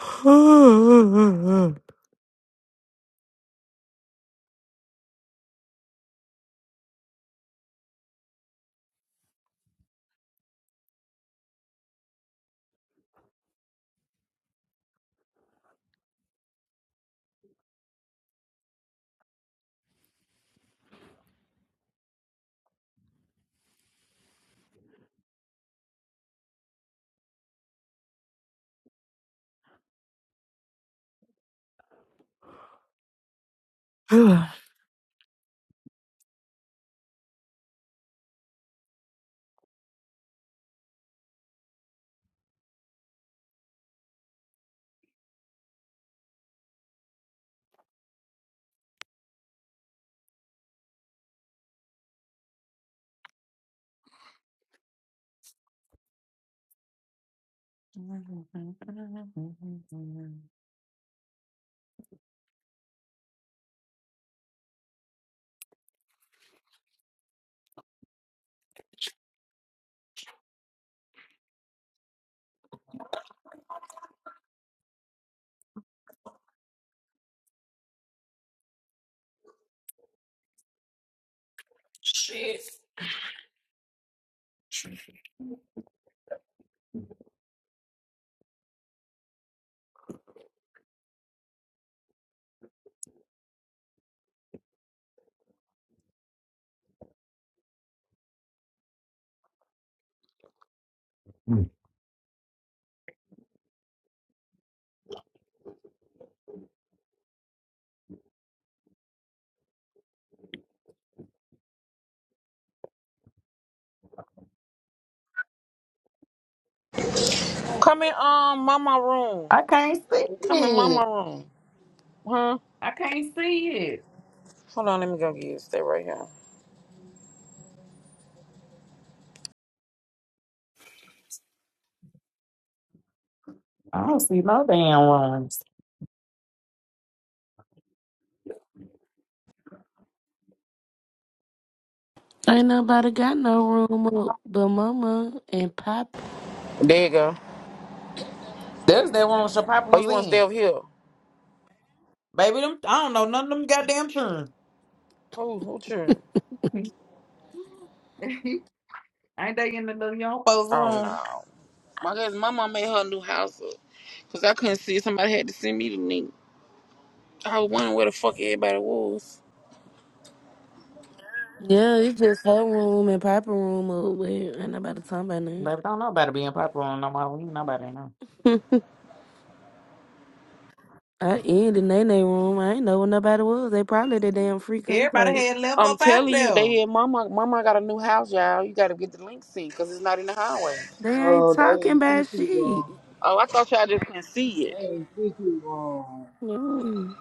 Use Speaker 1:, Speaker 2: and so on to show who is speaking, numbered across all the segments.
Speaker 1: Ugh.
Speaker 2: Come in um mama room. Come in mama room. Huh? Hold on, let me go get it. Stay right here.
Speaker 3: Ain't nobody got no room up but mama and Poppy.
Speaker 2: There you go. Oh, you wanna stay over here? Who who you? Oh no. My guess my mom made her new house up. Cause I couldn't see it. somebody had to send me the link. I was wondering where the fuck everybody was.
Speaker 3: Yeah, it's just her room and Poppy room up where ain't nobody talking about nothing. I ended Nene room. I ain't know where nobody was. They probably at the damn free concert.
Speaker 2: I'm telling you, they had mama mama got a new house, y'all. You gotta get the link sent, because it's not in the highway.
Speaker 3: They ain't
Speaker 4: No, they
Speaker 3: talking
Speaker 4: ain't treat
Speaker 3: about
Speaker 4: you
Speaker 3: shit.
Speaker 4: wrong.
Speaker 2: Oh, I thought y'all just couldn't see
Speaker 4: They
Speaker 2: it.
Speaker 4: ain't treat you wrong.
Speaker 3: Mm.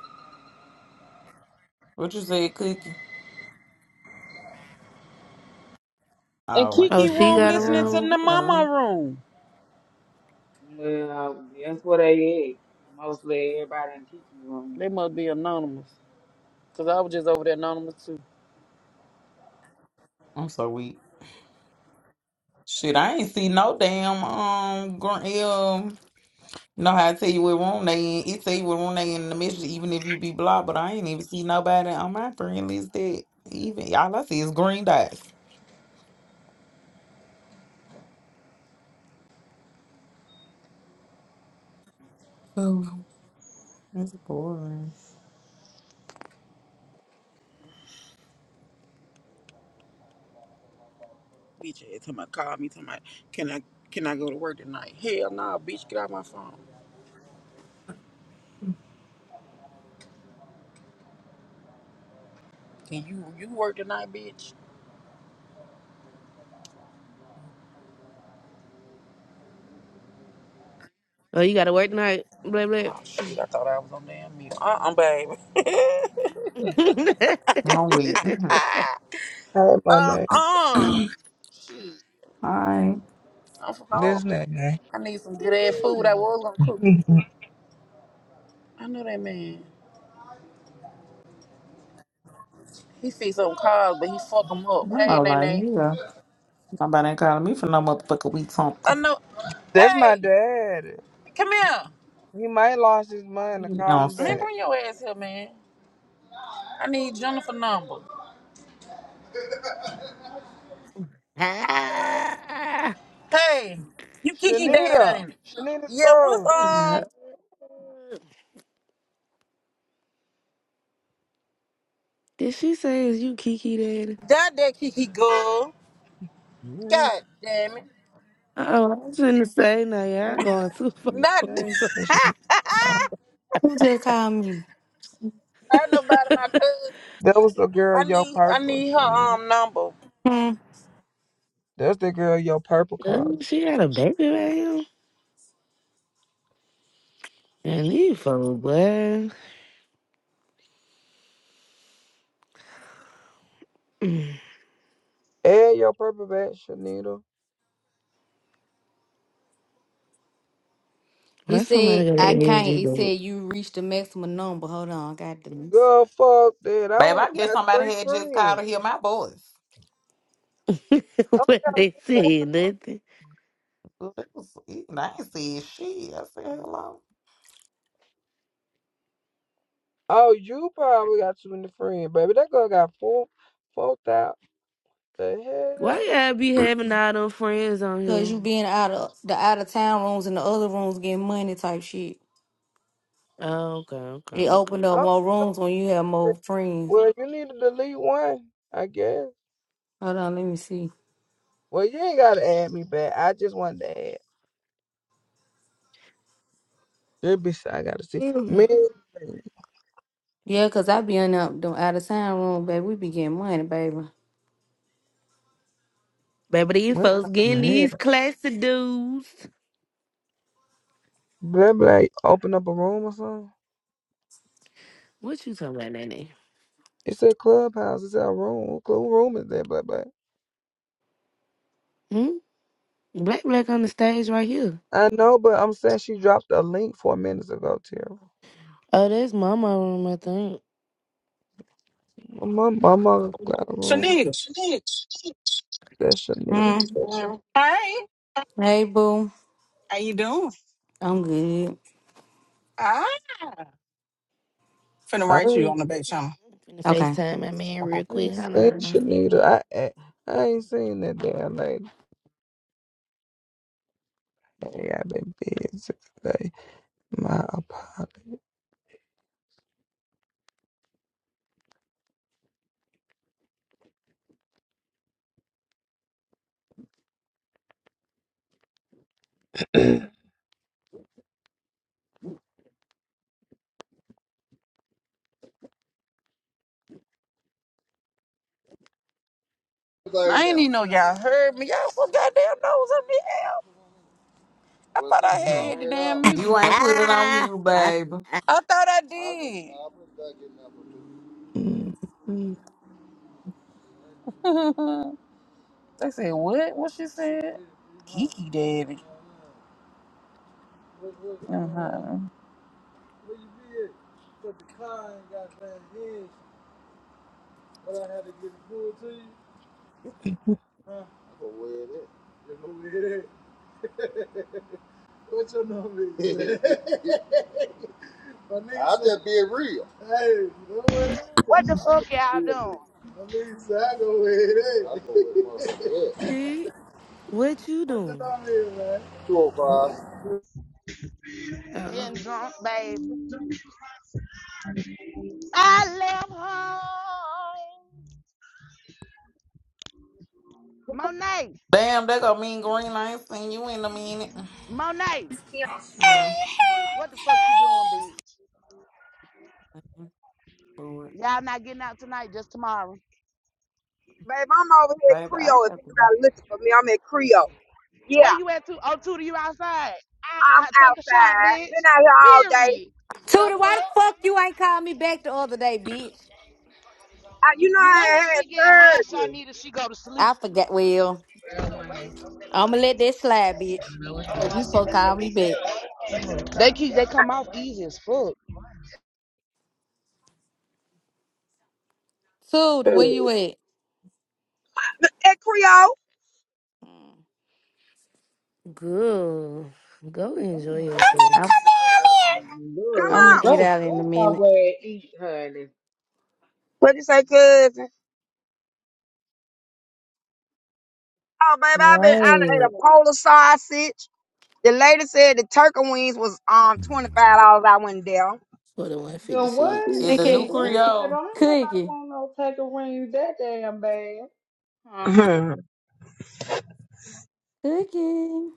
Speaker 2: And
Speaker 3: Oh,
Speaker 2: Kiki
Speaker 3: she
Speaker 2: room
Speaker 3: got a
Speaker 2: listening to
Speaker 3: room.
Speaker 2: the mama
Speaker 3: Oh,
Speaker 2: room.
Speaker 4: Well, that's what they is. Mostly everybody ain't treat you wrong.
Speaker 2: They must be anonymous. Cause I was just over there anonymous too. Bitch ass talking about call me talking about can I can I go to work tonight? Hell nah, bitch, get out my phone. Can you you work tonight, bitch?
Speaker 3: oh, you got to work tonight. Blah blah.
Speaker 2: Oh shit, I thought I was on damn mute. Uh uh baby.
Speaker 5: Hey, my
Speaker 2: uh
Speaker 5: name.
Speaker 2: uh shit. I'm from
Speaker 5: This
Speaker 2: hungry.
Speaker 5: nigga.
Speaker 2: I need some good ass
Speaker 3: Excuse
Speaker 2: food.
Speaker 3: me.
Speaker 2: I was gonna cook. I know that man. He feed some cars, but he fuck 'em up. Hey, Nene. I know.
Speaker 5: That's my
Speaker 2: Hey,
Speaker 5: dad.
Speaker 2: come here.
Speaker 5: He might lost his mind to Call him
Speaker 2: Man,
Speaker 5: back.
Speaker 2: bring your ass here, man. I need Jennifer number.
Speaker 3: Ah.
Speaker 2: Hey, you Kiki dad,
Speaker 5: Shanita.
Speaker 2: ain't it?
Speaker 5: Shanita
Speaker 2: Yeah, what's
Speaker 5: Scruggs.
Speaker 2: um
Speaker 3: Did she say is you Kiki daddy?
Speaker 2: that that Kiki girl?
Speaker 5: Mm,
Speaker 2: God damn it.
Speaker 3: Oh, I was gonna say, now
Speaker 5: I
Speaker 3: y'all
Speaker 5: ain't
Speaker 3: going too
Speaker 5: saying
Speaker 3: far.
Speaker 5: Shanita.
Speaker 2: Not
Speaker 5: I
Speaker 3: with
Speaker 5: ain't seen Shanita. Come on.
Speaker 6: Who just called me?
Speaker 2: not nobody my cousin
Speaker 5: That was
Speaker 2: Kiki.
Speaker 5: the girl
Speaker 2: I
Speaker 5: Yo
Speaker 2: need I
Speaker 5: Purple,
Speaker 2: need her
Speaker 5: Shanita.
Speaker 2: um number.
Speaker 6: Hmm.
Speaker 5: That's the girl Yo Purple called
Speaker 3: those.
Speaker 5: you.
Speaker 3: she had a baby right here. And these folks, boy.
Speaker 5: Add Yo Purple back, Shanita.
Speaker 6: You
Speaker 3: Why somebody
Speaker 6: said
Speaker 3: got an
Speaker 6: I can't.
Speaker 3: energy
Speaker 6: It
Speaker 3: baby?
Speaker 6: said you reached the maximum number. Hold on, I got this.
Speaker 5: Girl, fuck that. I only got three friends. I'm
Speaker 3: what
Speaker 5: got
Speaker 3: they said, nothing.
Speaker 5: Oh, you probably got too many friends, baby. That girl got four, four thousand. The hell?
Speaker 3: Why y'all be having all them friends on
Speaker 6: Cause
Speaker 3: here?
Speaker 6: you being out of the out of town rooms and the other rooms getting money type shit.
Speaker 3: Oh, okay, okay,
Speaker 6: It
Speaker 3: okay.
Speaker 6: opened up
Speaker 5: Oh,
Speaker 6: more rooms when you have more friends.
Speaker 5: well, you need to delete one, I guess.
Speaker 6: Hold on, let me see.
Speaker 5: Well, you ain't gotta add me back. I just wanted to add. There be I gotta see. Man,
Speaker 3: Ugh.
Speaker 6: Yeah, cause I be in up the out of town room, baby. We be getting money, baby.
Speaker 3: Baby, these
Speaker 5: what
Speaker 3: folks
Speaker 5: about
Speaker 3: getting
Speaker 5: man?
Speaker 3: these classy dudes.
Speaker 5: Blah blah. Open up a room or something.
Speaker 3: What you talking about, Nanny?
Speaker 5: It's a clubhouse. It's our room. What cl- room is that? Blah blah.
Speaker 3: Hmm? Black Black on the stage right here.
Speaker 5: I know, but I'm saying she dropped a link four minutes ago, Tara.
Speaker 3: Oh, that's Mama room, I think.
Speaker 5: My my mother got a room.
Speaker 7: Shanique.
Speaker 5: That's Shanita.
Speaker 6: Hmm.
Speaker 7: Hey,
Speaker 6: Hey, boo.
Speaker 7: how you doing?
Speaker 6: I'm good.
Speaker 7: Ah, finna
Speaker 5: I
Speaker 7: write you
Speaker 5: ain't,
Speaker 7: on the back channel.
Speaker 3: Finna
Speaker 6: Okay.
Speaker 3: FaceTime my man real
Speaker 5: I
Speaker 3: quick.
Speaker 5: ain't
Speaker 3: Hold
Speaker 5: seen
Speaker 3: on.
Speaker 5: Shanita. I I I ain't seen that damn lady. Hey, I've been busy. My apologies.
Speaker 2: I ain't even know y'all heard me. Y'all so goddamn nose up the hell. I thought I had hit the damn mute button.
Speaker 3: Ah, I, I
Speaker 2: I thought I did.
Speaker 5: Mhm.
Speaker 2: they said what? What she said? Kiki daddy. Uh-huh.
Speaker 8: What the
Speaker 2: I
Speaker 8: fuck
Speaker 2: could be real with
Speaker 8: y'all
Speaker 2: you. motherfucker. Yeah.
Speaker 3: See, what you doing?
Speaker 2: 205.
Speaker 8: doing?
Speaker 3: oh,
Speaker 8: Getting drunk, baby. I left home. Monet, Monet, what the fuck you doing, bitch? Y'all not getting out tonight, just tomorrow.
Speaker 9: Babe, I'm over here at Creole. If anybody looking for me, I'm at Creole.
Speaker 8: Where
Speaker 9: Yeah,
Speaker 8: you at? To oh, two to you outside.
Speaker 9: I'm
Speaker 8: Ah, take a shot,
Speaker 9: outside.
Speaker 8: bitch.
Speaker 9: Been out here all day.
Speaker 8: Period. The
Speaker 6: Tootie, why the
Speaker 8: fuck?
Speaker 6: fuck you ain't called me back the other day, bitch?
Speaker 9: I, you know,
Speaker 8: You
Speaker 9: I
Speaker 8: know
Speaker 9: had,
Speaker 8: when she get high,
Speaker 9: had surgery.
Speaker 8: Shanita, she go to
Speaker 6: I
Speaker 8: sleep.
Speaker 6: forgot. Well,
Speaker 8: They
Speaker 6: I'ma let that slide, bitch. Cause you supposed to call me back.
Speaker 8: keep they come off easy as fuck.
Speaker 6: Food, where you at?
Speaker 9: Mm. At Creole,
Speaker 3: good. Go enjoy yourself.
Speaker 6: I'm,
Speaker 9: come
Speaker 6: I'm gonna
Speaker 4: Look,
Speaker 9: on.
Speaker 6: get
Speaker 4: go,
Speaker 6: out in a
Speaker 4: go
Speaker 6: minute.
Speaker 4: somewhere and eat, honey.
Speaker 9: What you say, cousin? Oh, baby, i been,
Speaker 3: Right.
Speaker 9: I done ate a bowl of sausage. The lady said the turkey wings was um $25. I went down.
Speaker 3: For the
Speaker 4: The what?
Speaker 3: 156.
Speaker 6: Okay.
Speaker 4: Baby, I don't nobody
Speaker 6: Cookie,
Speaker 4: want no taco wings that damn bad.
Speaker 9: Mhm.
Speaker 6: cookie.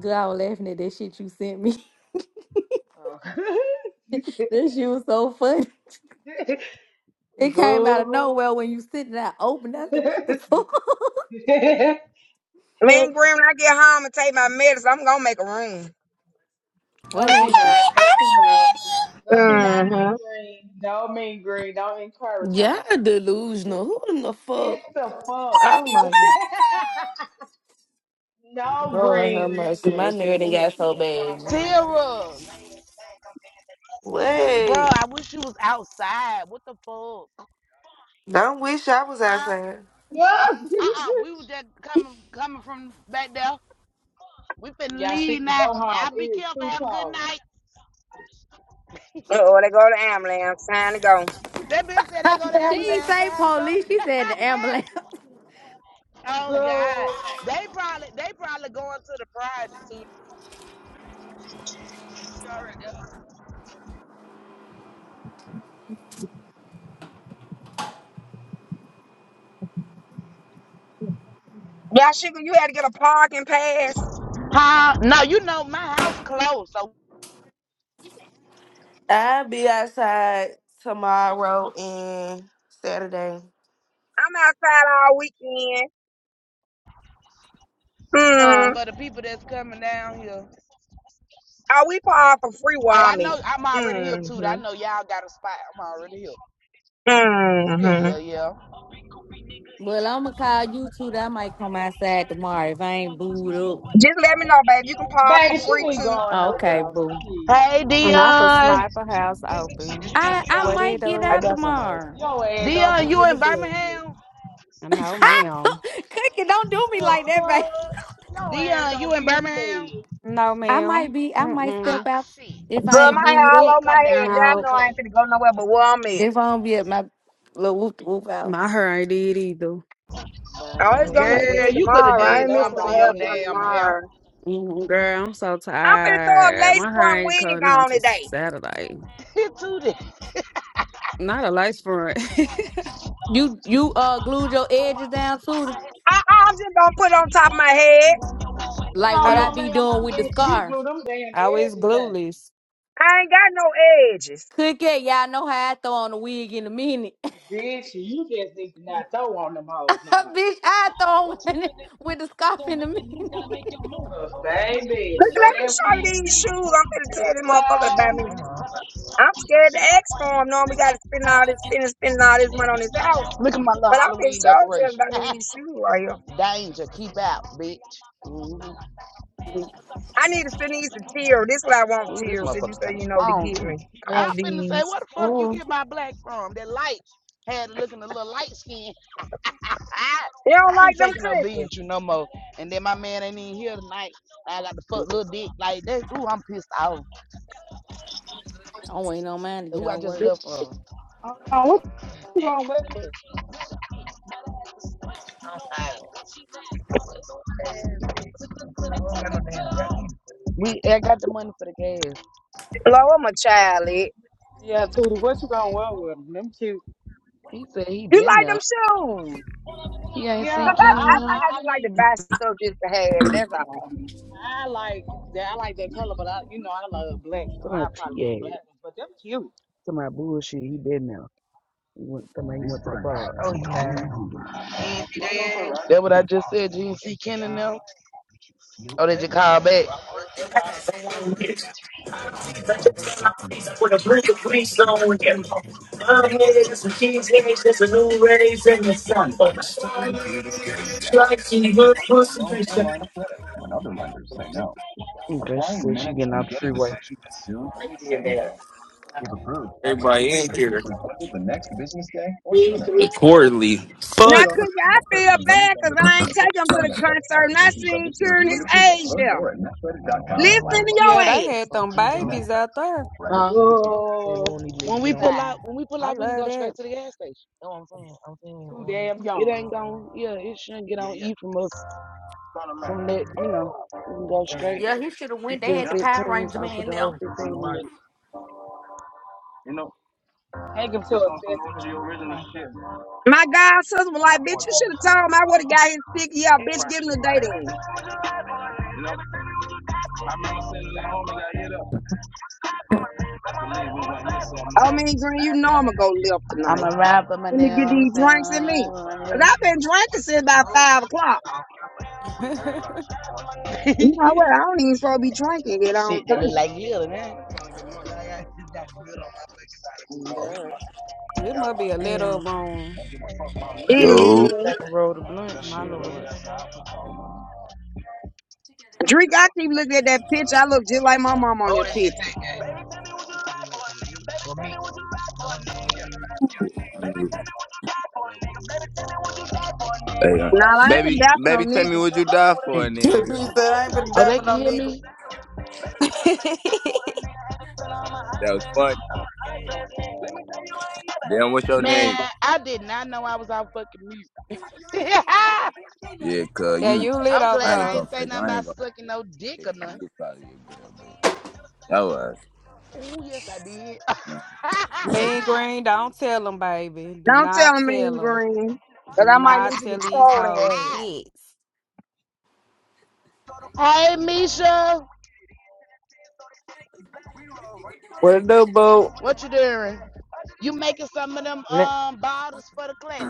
Speaker 6: Girl, I was laughing at that shit you sent me.
Speaker 4: Oh.
Speaker 6: That shit was so funny. It came out of
Speaker 4: Girl.
Speaker 6: nowhere when you sitting there open. I said, "What the
Speaker 4: no,
Speaker 6: fuck?"
Speaker 4: she
Speaker 9: Me and Green, when I get home and take my medicine, I'm going to make a room.
Speaker 4: not.
Speaker 6: What
Speaker 4: No, she
Speaker 6: happened?
Speaker 4: not.
Speaker 10: Okay, I'll be ready.
Speaker 4: No, she not mean
Speaker 9: Mm-hmm.
Speaker 4: green. No, mean green. Don't encourage
Speaker 3: Yeah,
Speaker 4: her.
Speaker 3: delusional. Who in the fuck?
Speaker 4: It's the fuck.
Speaker 10: Wanna
Speaker 3: Oh
Speaker 10: do
Speaker 3: my god.
Speaker 10: all the time.
Speaker 4: no
Speaker 3: Lord have
Speaker 4: green.
Speaker 3: mercy. My nerd done got so bad. Jesus.
Speaker 8: Tara, bro,
Speaker 3: Wait.
Speaker 8: I wish you was outside. What the fuck?
Speaker 3: Don't wish I was
Speaker 8: Huh?
Speaker 3: outside.
Speaker 4: Yes.
Speaker 8: Uh-uh, we were just coming coming from back there. We finna
Speaker 4: yeah, she
Speaker 8: leave
Speaker 4: could
Speaker 8: now.
Speaker 4: go home.
Speaker 8: Y'all
Speaker 4: It
Speaker 8: be
Speaker 4: is
Speaker 8: careful.
Speaker 4: too
Speaker 8: Have a good
Speaker 4: cold.
Speaker 8: night.
Speaker 9: Uh-oh, they go to the ambulance. Time to go.
Speaker 8: that bitch said they go to
Speaker 6: She ain't
Speaker 8: ambulance.
Speaker 6: say
Speaker 8: Time to go.
Speaker 6: police. She said the ambulance.
Speaker 8: oh God,
Speaker 4: Girl,
Speaker 8: they probably they probably going to the project too. She
Speaker 9: Yeah, sugar, you had to get a parking pass.
Speaker 8: Huh? No, you know my house closed. So
Speaker 3: I'll be outside tomorrow and Saturday.
Speaker 9: I'm outside all weekend. Hmm.
Speaker 3: huh?
Speaker 8: for the people that's coming down here,
Speaker 9: Are we par for free where
Speaker 8: oh I
Speaker 9: I'm
Speaker 8: know
Speaker 9: at?
Speaker 8: I'm already here too. I
Speaker 9: Mm-hmm.
Speaker 8: know y'all got a spot. I'm already here.
Speaker 9: Mm-hmm.
Speaker 8: Yeah, yeah.
Speaker 6: Well, I'm gonna call you too. That I might come outside tomorrow if I ain't booed up.
Speaker 9: Just let me know, babe. You can park for
Speaker 4: baby, she
Speaker 9: free
Speaker 4: ain't
Speaker 9: too.
Speaker 4: going
Speaker 6: Okay,
Speaker 4: nowhere.
Speaker 6: boo.
Speaker 4: She,
Speaker 8: Hey,
Speaker 11: Not the
Speaker 8: Dion.
Speaker 11: sniper house open.
Speaker 6: I I
Speaker 11: What it
Speaker 6: might get
Speaker 8: I
Speaker 6: out
Speaker 11: do?
Speaker 8: got some of it.
Speaker 6: tomorrow.
Speaker 4: your ass gonna be
Speaker 8: Dion, you
Speaker 4: in the
Speaker 8: in
Speaker 4: bed.
Speaker 8: Birmingham?
Speaker 11: No, ma'am.
Speaker 6: Cookie, don't do me
Speaker 4: The
Speaker 6: like
Speaker 4: fuck?
Speaker 6: that,
Speaker 4: Your ass
Speaker 8: Dion, you
Speaker 4: gonna
Speaker 8: in
Speaker 4: be in the
Speaker 8: Birmingham?
Speaker 4: bed.
Speaker 11: No,
Speaker 6: I might
Speaker 11: ma'am.
Speaker 6: be. I might
Speaker 8: Oh,
Speaker 6: step
Speaker 11: Mm-mm.
Speaker 6: out
Speaker 8: shit.
Speaker 6: if I
Speaker 9: Girl,
Speaker 8: Why
Speaker 6: ain't
Speaker 8: the
Speaker 9: my hair
Speaker 8: fuck
Speaker 6: glued
Speaker 9: all
Speaker 8: you
Speaker 6: up.
Speaker 8: ain't
Speaker 9: over my
Speaker 8: come down
Speaker 9: head.
Speaker 8: here for
Speaker 9: Y'all
Speaker 8: the
Speaker 11: No.
Speaker 9: know I
Speaker 8: class?
Speaker 9: ain't finna go nowhere but where I'm at.
Speaker 6: If I don't be at my little whoop whoop out.
Speaker 11: My hair ain't did either.
Speaker 9: Oh, it's gonna get
Speaker 6: Like
Speaker 4: Baby,
Speaker 9: did
Speaker 8: Girl, you could have
Speaker 9: tomorrow. I
Speaker 4: ain't
Speaker 8: did
Speaker 9: ain't missing no
Speaker 8: something to
Speaker 9: hair
Speaker 8: your
Speaker 4: nobody
Speaker 9: from
Speaker 8: damn
Speaker 4: happy.
Speaker 8: hair.
Speaker 9: tomorrow.
Speaker 11: Mm, Girl, I'm so
Speaker 9: I'm finna throw a
Speaker 11: tired.
Speaker 9: lace
Speaker 11: My hair
Speaker 9: front
Speaker 11: ain't
Speaker 9: wig
Speaker 11: coming on
Speaker 9: on
Speaker 11: to
Speaker 9: today.
Speaker 11: Saturday.
Speaker 8: It Too did.
Speaker 11: Not a light front.
Speaker 6: you, you uh glued your edges down too.
Speaker 9: I, I'm just gonna put it on top of my head.
Speaker 6: Like
Speaker 4: No,
Speaker 6: what
Speaker 11: I
Speaker 6: I
Speaker 4: no,
Speaker 6: be
Speaker 4: ma'am. I'm
Speaker 6: doing with the
Speaker 4: need for you to
Speaker 6: scarf.
Speaker 4: glue them damn
Speaker 11: I was
Speaker 4: edges down.
Speaker 11: glueless.
Speaker 9: I ain't got no edges.
Speaker 6: Cook it, y'all know how I throw on a wig in a minute.
Speaker 4: Bitch, you just need to not throw on them hoes no more.
Speaker 6: Bitch, I throw
Speaker 8: What
Speaker 6: on
Speaker 8: you
Speaker 6: one
Speaker 8: finna do?
Speaker 6: with the
Speaker 8: This
Speaker 6: scarf
Speaker 8: don't
Speaker 6: in a
Speaker 8: make the
Speaker 6: minute.
Speaker 8: news, gotta make a move.
Speaker 4: Cause
Speaker 8: Hold that bitch get
Speaker 4: baby,
Speaker 8: in,
Speaker 4: the
Speaker 9: Look,
Speaker 8: cause
Speaker 4: way
Speaker 9: let me
Speaker 4: that
Speaker 9: show
Speaker 8: she a
Speaker 4: we
Speaker 9: you
Speaker 8: flat
Speaker 9: these shoes.
Speaker 8: bitch.
Speaker 9: I'm finna tell
Speaker 4: was
Speaker 9: this motherfucker to buy me
Speaker 4: flying.
Speaker 9: I'm scared to ask for him. Knowing we got to spend all this, spending, spending all this money on his house.
Speaker 8: Look at my little
Speaker 9: But I'm in
Speaker 8: Halloween
Speaker 9: charge of
Speaker 8: decoration.
Speaker 9: about me these shoes right here.
Speaker 8: Danger, keep out, bitch. Mm-hmm.
Speaker 9: I need to a these to tear. This is what I want
Speaker 8: Ooh, this
Speaker 9: tears. If you
Speaker 8: motherfucker
Speaker 9: say
Speaker 8: kind of
Speaker 9: you know to
Speaker 8: strong
Speaker 9: get
Speaker 8: too.
Speaker 9: me, I
Speaker 8: I
Speaker 9: want
Speaker 8: finna say,
Speaker 9: these.
Speaker 8: where the fuck you
Speaker 3: Mm.
Speaker 8: get my black from? That light had looking a little light skin.
Speaker 9: They don't
Speaker 8: I ain't
Speaker 9: like them
Speaker 8: taking no beans
Speaker 9: cookies.
Speaker 8: with you no more. And then my man ain't even here tonight. I got the fuck little dick like that. Ooh, I'm pissed off.
Speaker 6: I don't wait no man to get
Speaker 8: Who
Speaker 6: out
Speaker 8: I
Speaker 6: of
Speaker 8: just
Speaker 6: work.
Speaker 8: left from?
Speaker 4: Uh, what you gonna wear? with it?
Speaker 8: We I got the money for the gas.
Speaker 9: Lord, I'm a child. eh?
Speaker 4: Yeah, Tootie, what you gonna wear with them? Them cute.
Speaker 8: He said he
Speaker 9: You
Speaker 8: been
Speaker 9: like
Speaker 8: there.
Speaker 9: them shoes?
Speaker 8: He ain't see
Speaker 4: Yeah,
Speaker 9: Cause I,
Speaker 8: Ken
Speaker 9: I
Speaker 8: and
Speaker 4: I,
Speaker 8: them.
Speaker 9: think I
Speaker 4: I, I
Speaker 9: just like
Speaker 4: mean,
Speaker 9: to buy stuff just to have it. That's all.
Speaker 4: I like that. I like that color, but I, you know, I love black, so
Speaker 8: To my
Speaker 4: I'll probably get
Speaker 8: TA.
Speaker 4: the black ones. But them cute.
Speaker 8: To my bullshit, he been there. He went, to my, went to the bar. Oh yeah. He That what I just said. You didn't see Ken and them? Oh, did you call back?
Speaker 12: With a blue Capri Sun, yeah. Love is some cheesecakes, just a new rays in the sun.
Speaker 8: credit here to say say yes.
Speaker 12: Like
Speaker 8: Your Personal loan or line of credit When other lenders say no. Okay, she said she getting off the freeway. As soon as the same day. If approved,
Speaker 12: Everybody
Speaker 8: applications
Speaker 12: in
Speaker 8: are
Speaker 12: here.
Speaker 8: typically funded the next business day or sooner.
Speaker 12: Quarterly.
Speaker 8: Turns
Speaker 9: Now,
Speaker 12: Fuck.
Speaker 8: out that
Speaker 9: cookie,
Speaker 8: the
Speaker 9: I
Speaker 8: net credit
Speaker 9: feel
Speaker 8: is running
Speaker 9: bad
Speaker 8: down
Speaker 9: cause I
Speaker 8: banks
Speaker 9: ain't
Speaker 8: and
Speaker 9: take
Speaker 8: serviced
Speaker 9: him
Speaker 8: by
Speaker 9: to the
Speaker 8: NetCredit.
Speaker 9: concert and I
Speaker 8: Application
Speaker 9: seen
Speaker 8: subject to
Speaker 9: Cure
Speaker 8: review and
Speaker 9: his
Speaker 8: approval.
Speaker 9: age
Speaker 8: Learn
Speaker 9: there.
Speaker 8: more at
Speaker 9: Listen to
Speaker 11: Yeah,
Speaker 9: your
Speaker 11: they
Speaker 9: ass.
Speaker 11: had them
Speaker 8: netcredit.
Speaker 11: babies out there.
Speaker 8: Credit Huh? is the key.
Speaker 4: Goodbye.
Speaker 8: When we pull out, when we pull
Speaker 11: I
Speaker 8: out, we can
Speaker 11: love
Speaker 8: go
Speaker 11: that.
Speaker 8: straight to the gas station.
Speaker 4: Too damn
Speaker 8: It
Speaker 4: young.
Speaker 8: ain't going, yeah, it shouldn't get on E from us. From that, you know, we can go straight.
Speaker 6: Yeah, he should have
Speaker 8: It's
Speaker 6: went. They
Speaker 8: in
Speaker 6: had the
Speaker 8: 15,
Speaker 6: Power
Speaker 8: so
Speaker 6: Ranger
Speaker 8: I put
Speaker 6: man
Speaker 8: the whole
Speaker 6: now.
Speaker 8: 15 in. You know,
Speaker 4: Take them to
Speaker 8: just
Speaker 4: a
Speaker 8: on some
Speaker 4: Sesame
Speaker 8: OG
Speaker 4: Street
Speaker 8: original shit.
Speaker 4: concert.
Speaker 9: My god sister was
Speaker 8: I
Speaker 9: like,
Speaker 8: bought
Speaker 9: bitch, you
Speaker 8: this
Speaker 9: should
Speaker 4: No.
Speaker 9: have told him I would have got his pick. Yeah,
Speaker 8: shit.
Speaker 9: bitch, give
Speaker 8: Practice
Speaker 9: him the date
Speaker 8: like,
Speaker 9: in.
Speaker 8: you know, I remember sitting there.
Speaker 9: I mean, Green, you know I'm gonna go lift tonight.
Speaker 8: I'm a rapper, my
Speaker 9: Let me
Speaker 8: name,
Speaker 9: get these drinks in me.
Speaker 8: I'm
Speaker 9: Cause I've been drinking since about five o'clock.
Speaker 8: saying.
Speaker 9: You know what? I don't even supposed to be drinking yet, I
Speaker 8: Shit
Speaker 9: don't
Speaker 8: that look
Speaker 9: think.
Speaker 8: like glitter, man.
Speaker 11: it must be a
Speaker 8: Damn,
Speaker 11: little room,
Speaker 9: It
Speaker 13: Yo,
Speaker 9: is.
Speaker 8: I can roll the blunt,
Speaker 11: my
Speaker 8: shit.
Speaker 11: lord.
Speaker 9: Drink, I keep looking at that picture. I look just like my mom on that picture.
Speaker 14: Hey, uh,
Speaker 9: Now, I ain't been
Speaker 14: baby,
Speaker 9: dapping no
Speaker 14: baby, tell me
Speaker 9: nigga.
Speaker 14: what you die for, nigga.
Speaker 8: Oh, they can hear me?
Speaker 14: That was funny. Damn, what's your
Speaker 8: Man,
Speaker 14: name?
Speaker 8: I did not know I was on fucking music.
Speaker 14: Yeah, cuz
Speaker 11: yeah,
Speaker 14: you,
Speaker 11: you lit
Speaker 8: I'm
Speaker 11: over
Speaker 14: I
Speaker 8: glad
Speaker 14: ain't
Speaker 8: I
Speaker 11: there.
Speaker 14: gonna
Speaker 8: ain't say
Speaker 14: fake.
Speaker 8: nothing
Speaker 14: I ain't
Speaker 8: about
Speaker 14: gonna
Speaker 8: sucking no dick or
Speaker 14: fake.
Speaker 8: nothing.
Speaker 14: You probably a girl, but
Speaker 8: Oh, yes, I did.
Speaker 14: that was.
Speaker 11: Man Green, don't tell them, baby. Do
Speaker 9: Don't
Speaker 11: not
Speaker 9: tell me,
Speaker 11: tell them.
Speaker 9: Green, cause
Speaker 11: Do
Speaker 9: I might
Speaker 11: not
Speaker 9: need you
Speaker 11: tell
Speaker 9: to
Speaker 11: these
Speaker 9: troll their
Speaker 11: hoes
Speaker 9: ass.
Speaker 11: shit.
Speaker 8: hey, Misha,
Speaker 15: What it do, boo?
Speaker 8: what you doing? You making some of them
Speaker 15: N-
Speaker 8: um bottles for the class?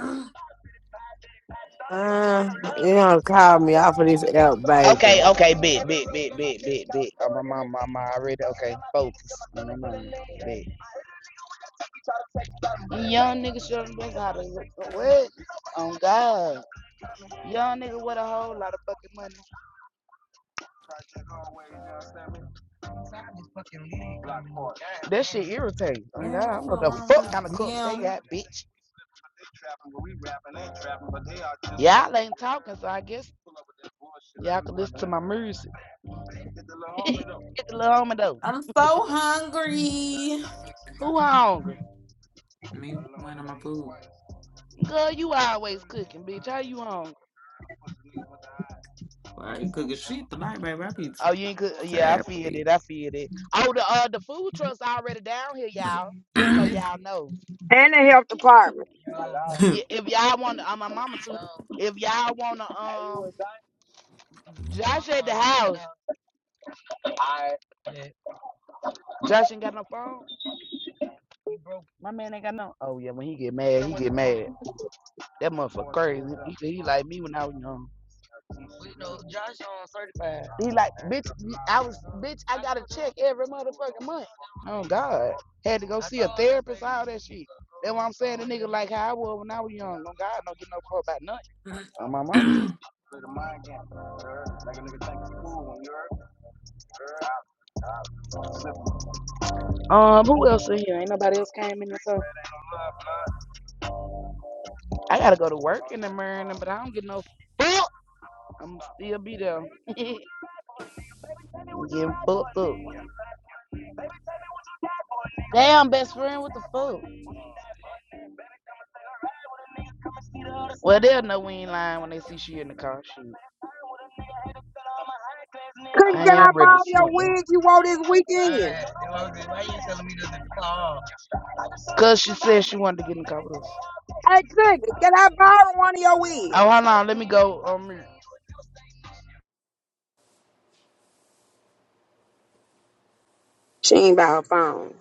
Speaker 15: Uh, you don't call me off of this app,
Speaker 8: Okay,
Speaker 15: baby.
Speaker 8: okay, big, big, big, big, big, big. Oh, my mama, mama, already okay. Focus, my mama, big. Young niggas nigga showing us how to what? Oh God. Young nigga with a whole lot of fucking money. That shit irritates. Oh God, I don't know the fuck kind of cups they got, bitch. Y'all ain't talking, so I guess y'all can listen to my music. Get the little homie though. Who hungry? Girl, you always cooking, bitch. How you hungry? Oh, you ain't could. Yeah, I feel it. I feel it. Oh, the uh, the food trucks already down here, y'all. Just so y'all know.
Speaker 9: And the health department.
Speaker 8: Yeah, if y'all want, to, uh, my mama too. If y'all want to, um, Josh at the house. Josh ain't got no phone. My man ain't got no. Oh yeah, when he get mad, he get mad. That motherfucker crazy. He, he like me when I was young. He like, bitch, I was, bitch, I got a check every motherfucking month. Oh God, had to go see a therapist, all that shit. That's what I'm saying. The nigga like how I was when I was young. Oh God, don't get no call about nothing. On my mama. Um, who else in here? Ain't nobody else came in so I gotta go to work in the morning, but I don't get no fuck. I'm still be there. Getting fucked up. Damn, best friend, what the fuck? Well, they'll know we ain't lying when they see she in the car. Shoot.
Speaker 9: Couldn't
Speaker 8: I
Speaker 9: get
Speaker 8: am
Speaker 9: up
Speaker 8: ready to
Speaker 9: all your
Speaker 8: smoke them.
Speaker 9: wigs you wore this weekend.
Speaker 8: Why you telling me this in the car? Cause she said she wanted to get in the car with us.
Speaker 9: Hey, Cookie, can I borrow one of your wigs?
Speaker 8: Oh, hold on, let me go. Um, ain't
Speaker 9: She ain't by her phone.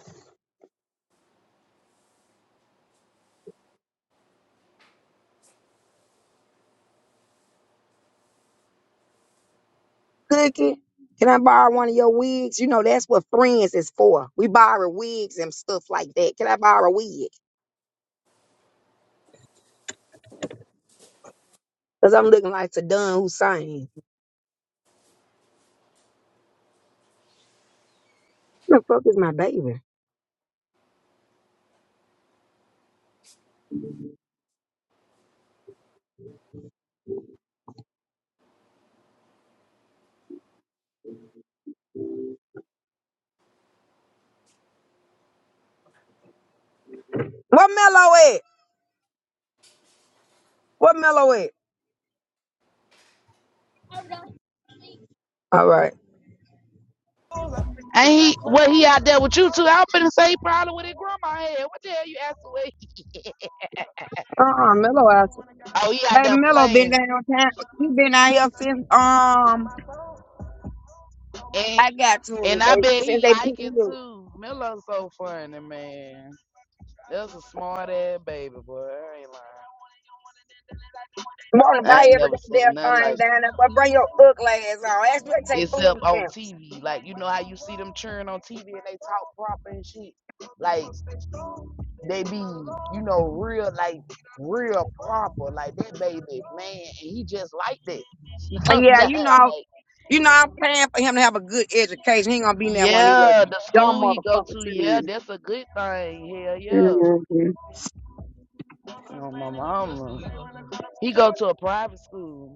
Speaker 9: Cookie, can I borrow one of your wigs? You know, that's what friends is for. We borrow wigs and stuff like that. Can I borrow a wig? Because I'm looking like Saddam Hussein. Who the fuck is my baby? What Mello at? What Mello at? All right.
Speaker 8: he? What he out there with you too? I'm finna say he probably with his grandma head. What the hell you asking? What
Speaker 9: Uh-uh, Mello out.
Speaker 8: oh, he out there
Speaker 9: Baby Mello been
Speaker 8: playing,
Speaker 9: down town. He been out here since, um,
Speaker 8: and
Speaker 9: I got to him.
Speaker 8: and I
Speaker 9: They,
Speaker 8: bet he
Speaker 9: since they picked
Speaker 8: like it
Speaker 9: me up.
Speaker 8: too. Miller's so funny, man. That's a smart ass baby boy. I ain't lying.
Speaker 9: Want to
Speaker 8: I
Speaker 9: buy
Speaker 8: ain't
Speaker 9: every
Speaker 8: never seen
Speaker 9: goddamn
Speaker 8: nothing
Speaker 9: thing
Speaker 8: like.
Speaker 9: down there, but bring your ugly ass on. Ask me to take
Speaker 8: It's up
Speaker 9: food
Speaker 8: on
Speaker 9: stamps.
Speaker 8: TV. Like you know how you see them cheering on TV and they talk proper and shit. Like they be, you know, real like real proper. Like that baby, man, and he just like that. Oh
Speaker 9: And yeah,
Speaker 8: God,
Speaker 9: you know,
Speaker 8: like
Speaker 9: you know, I'm paying for him to have a good education. He ain't gonna be in that one of these little
Speaker 8: yeah, the
Speaker 9: dumb
Speaker 8: school he go
Speaker 9: motherfuckers.
Speaker 8: to, yeah,
Speaker 9: too.
Speaker 8: that's a good thing. Hell yeah.
Speaker 9: hmm
Speaker 8: Oh my mama, he go to a private school.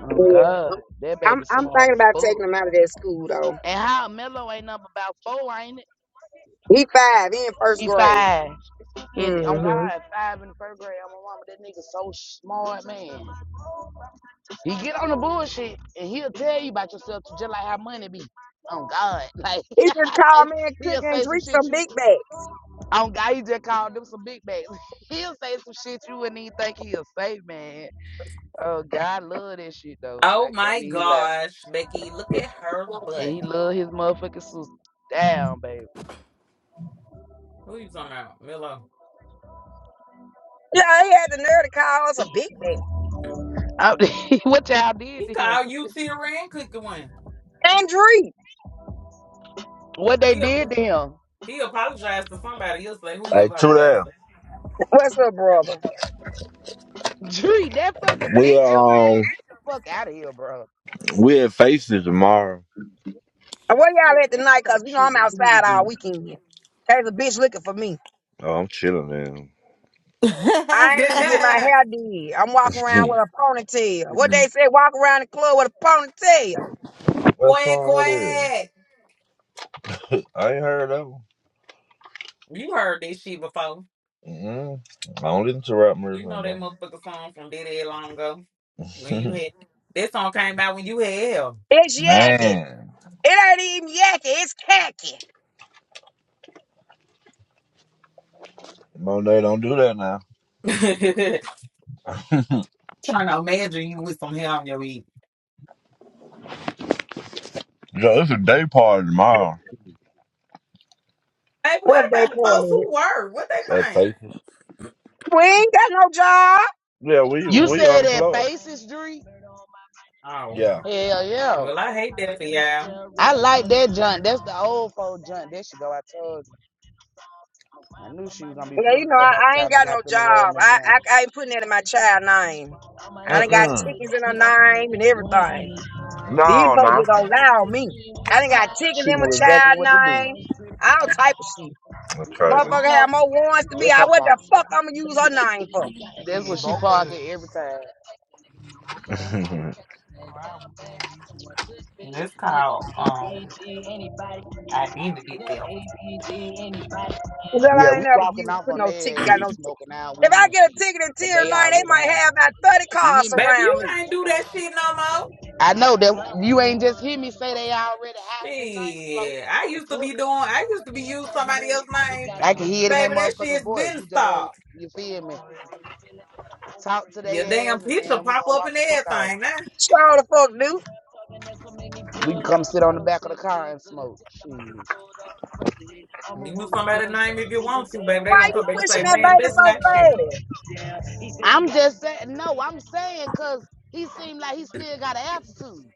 Speaker 8: Oh
Speaker 9: Yeah,
Speaker 8: God, that baby
Speaker 9: I'm I'm
Speaker 8: smart
Speaker 9: thinking
Speaker 8: as
Speaker 9: about
Speaker 8: fuck.
Speaker 9: taking him out of that school though.
Speaker 8: And how Mello ain't up about four, ain't it?
Speaker 9: He five, he in first
Speaker 8: He
Speaker 9: grade.
Speaker 8: five. And
Speaker 9: mm
Speaker 8: on
Speaker 9: hmm
Speaker 8: God, five in the first grade, on my mama, that nigga so smart, man. He get on the bullshit and he'll tell you about yourself just like how money be. On God, like
Speaker 9: He just called me and cook
Speaker 8: he'll
Speaker 9: and
Speaker 8: say some
Speaker 9: drink
Speaker 8: shit
Speaker 9: some
Speaker 8: you.
Speaker 9: big bags.
Speaker 8: On God, he just called them some big bags. he'll say some shit you wouldn't even think he'll say, man. Oh God, love that shit though. I can't even lie. And he love his motherfucking sister. Damn, baby.
Speaker 9: Yeah, he had the nerve to call us a big bag.
Speaker 8: I- what y'all did to him?
Speaker 9: And drink.
Speaker 8: What they did to him?
Speaker 16: Hey, two there.
Speaker 9: What's up, brother?
Speaker 8: Tree, that fucking
Speaker 16: We
Speaker 8: picture,
Speaker 16: um
Speaker 8: man, get the fuck out of here, bro.
Speaker 16: we at Faces tomorrow.
Speaker 9: And Where
Speaker 8: Look,
Speaker 9: y'all at
Speaker 8: this is
Speaker 9: tonight?
Speaker 8: the type
Speaker 9: Cause
Speaker 8: of
Speaker 9: you know
Speaker 8: shit
Speaker 9: I'm
Speaker 8: they do to
Speaker 9: outside all
Speaker 8: do.
Speaker 9: weekend. There's a bitch looking for me.
Speaker 16: Oh, I'm chilling
Speaker 9: I ain't even get my hair did. I'm walking
Speaker 16: now.
Speaker 9: around with a ponytail. What they say, walk around the club with a ponytail.
Speaker 16: what song that is? I ain't heard that one. mm I don't listen to rap music no more.
Speaker 9: It's yakky.
Speaker 16: Man,
Speaker 9: It ain't even yakky. It's khaki.
Speaker 16: Monet, don't do that now. Yo, it's a day party tomorrow
Speaker 9: What they party?
Speaker 16: at Faces.
Speaker 9: We ain't got no job.
Speaker 16: Yeah, we
Speaker 8: You
Speaker 16: we
Speaker 8: said that
Speaker 16: unemployed.
Speaker 8: faces, Dree?
Speaker 16: Yeah.
Speaker 8: Hell yeah. I like that junk. That's the old folk junk. That should go. I told you. I knew she was gonna be
Speaker 9: Yeah, you
Speaker 8: pulling
Speaker 9: know
Speaker 8: up
Speaker 9: I,
Speaker 8: by
Speaker 9: I
Speaker 8: the
Speaker 9: ain't
Speaker 8: time I
Speaker 9: got
Speaker 8: got
Speaker 9: no
Speaker 8: up in the road in
Speaker 9: job.
Speaker 8: that
Speaker 9: I,
Speaker 8: blunt.
Speaker 9: I I ain't putting that in my child name. I done got
Speaker 16: Mm-mm.
Speaker 9: tickets in her name and everything. These
Speaker 16: No,
Speaker 9: folks
Speaker 16: no.
Speaker 9: just don't lie on me. I done got tickets
Speaker 8: She
Speaker 9: in my
Speaker 8: knew exactly
Speaker 9: child
Speaker 8: what to
Speaker 9: name. All type of shit.
Speaker 16: That's crazy.
Speaker 8: do.
Speaker 9: Motherfucker had more warrants than me.
Speaker 8: That's
Speaker 9: I
Speaker 8: her
Speaker 9: what the
Speaker 8: parking spot.
Speaker 9: fuck I'ma use her name for?
Speaker 8: That's where she park it every time. Okay. Wow.
Speaker 9: Cause hell,
Speaker 8: Yeah,
Speaker 9: I ain't
Speaker 8: we
Speaker 9: never
Speaker 8: walking
Speaker 9: use,
Speaker 8: off
Speaker 9: put
Speaker 8: on
Speaker 9: no ticket,
Speaker 8: their ass
Speaker 9: got
Speaker 8: and
Speaker 9: no ticket.
Speaker 8: smoking our weed
Speaker 9: If I
Speaker 8: and
Speaker 9: get a
Speaker 8: shit.
Speaker 9: ticket in
Speaker 8: Cause
Speaker 9: tier
Speaker 8: they
Speaker 9: nine, they
Speaker 8: already
Speaker 9: might
Speaker 8: high.
Speaker 9: have about thirty
Speaker 8: You hear
Speaker 9: cars
Speaker 8: me?
Speaker 9: around me.
Speaker 8: I know that you ain't just hear me say they already high, bitch. I ain't slow. The fuck? I can hear it in their motherfucking voice. We just gonna, you feel me? Talk to their ass, and man, we gonna walk the fuck out.
Speaker 9: Sure the fuck do.
Speaker 8: We can come sit on the back of the car and smoke. Shit.
Speaker 9: Why you pushing that baby so fast?
Speaker 8: I'm just saying, no, I'm saying because he seemed like he still got an attitude.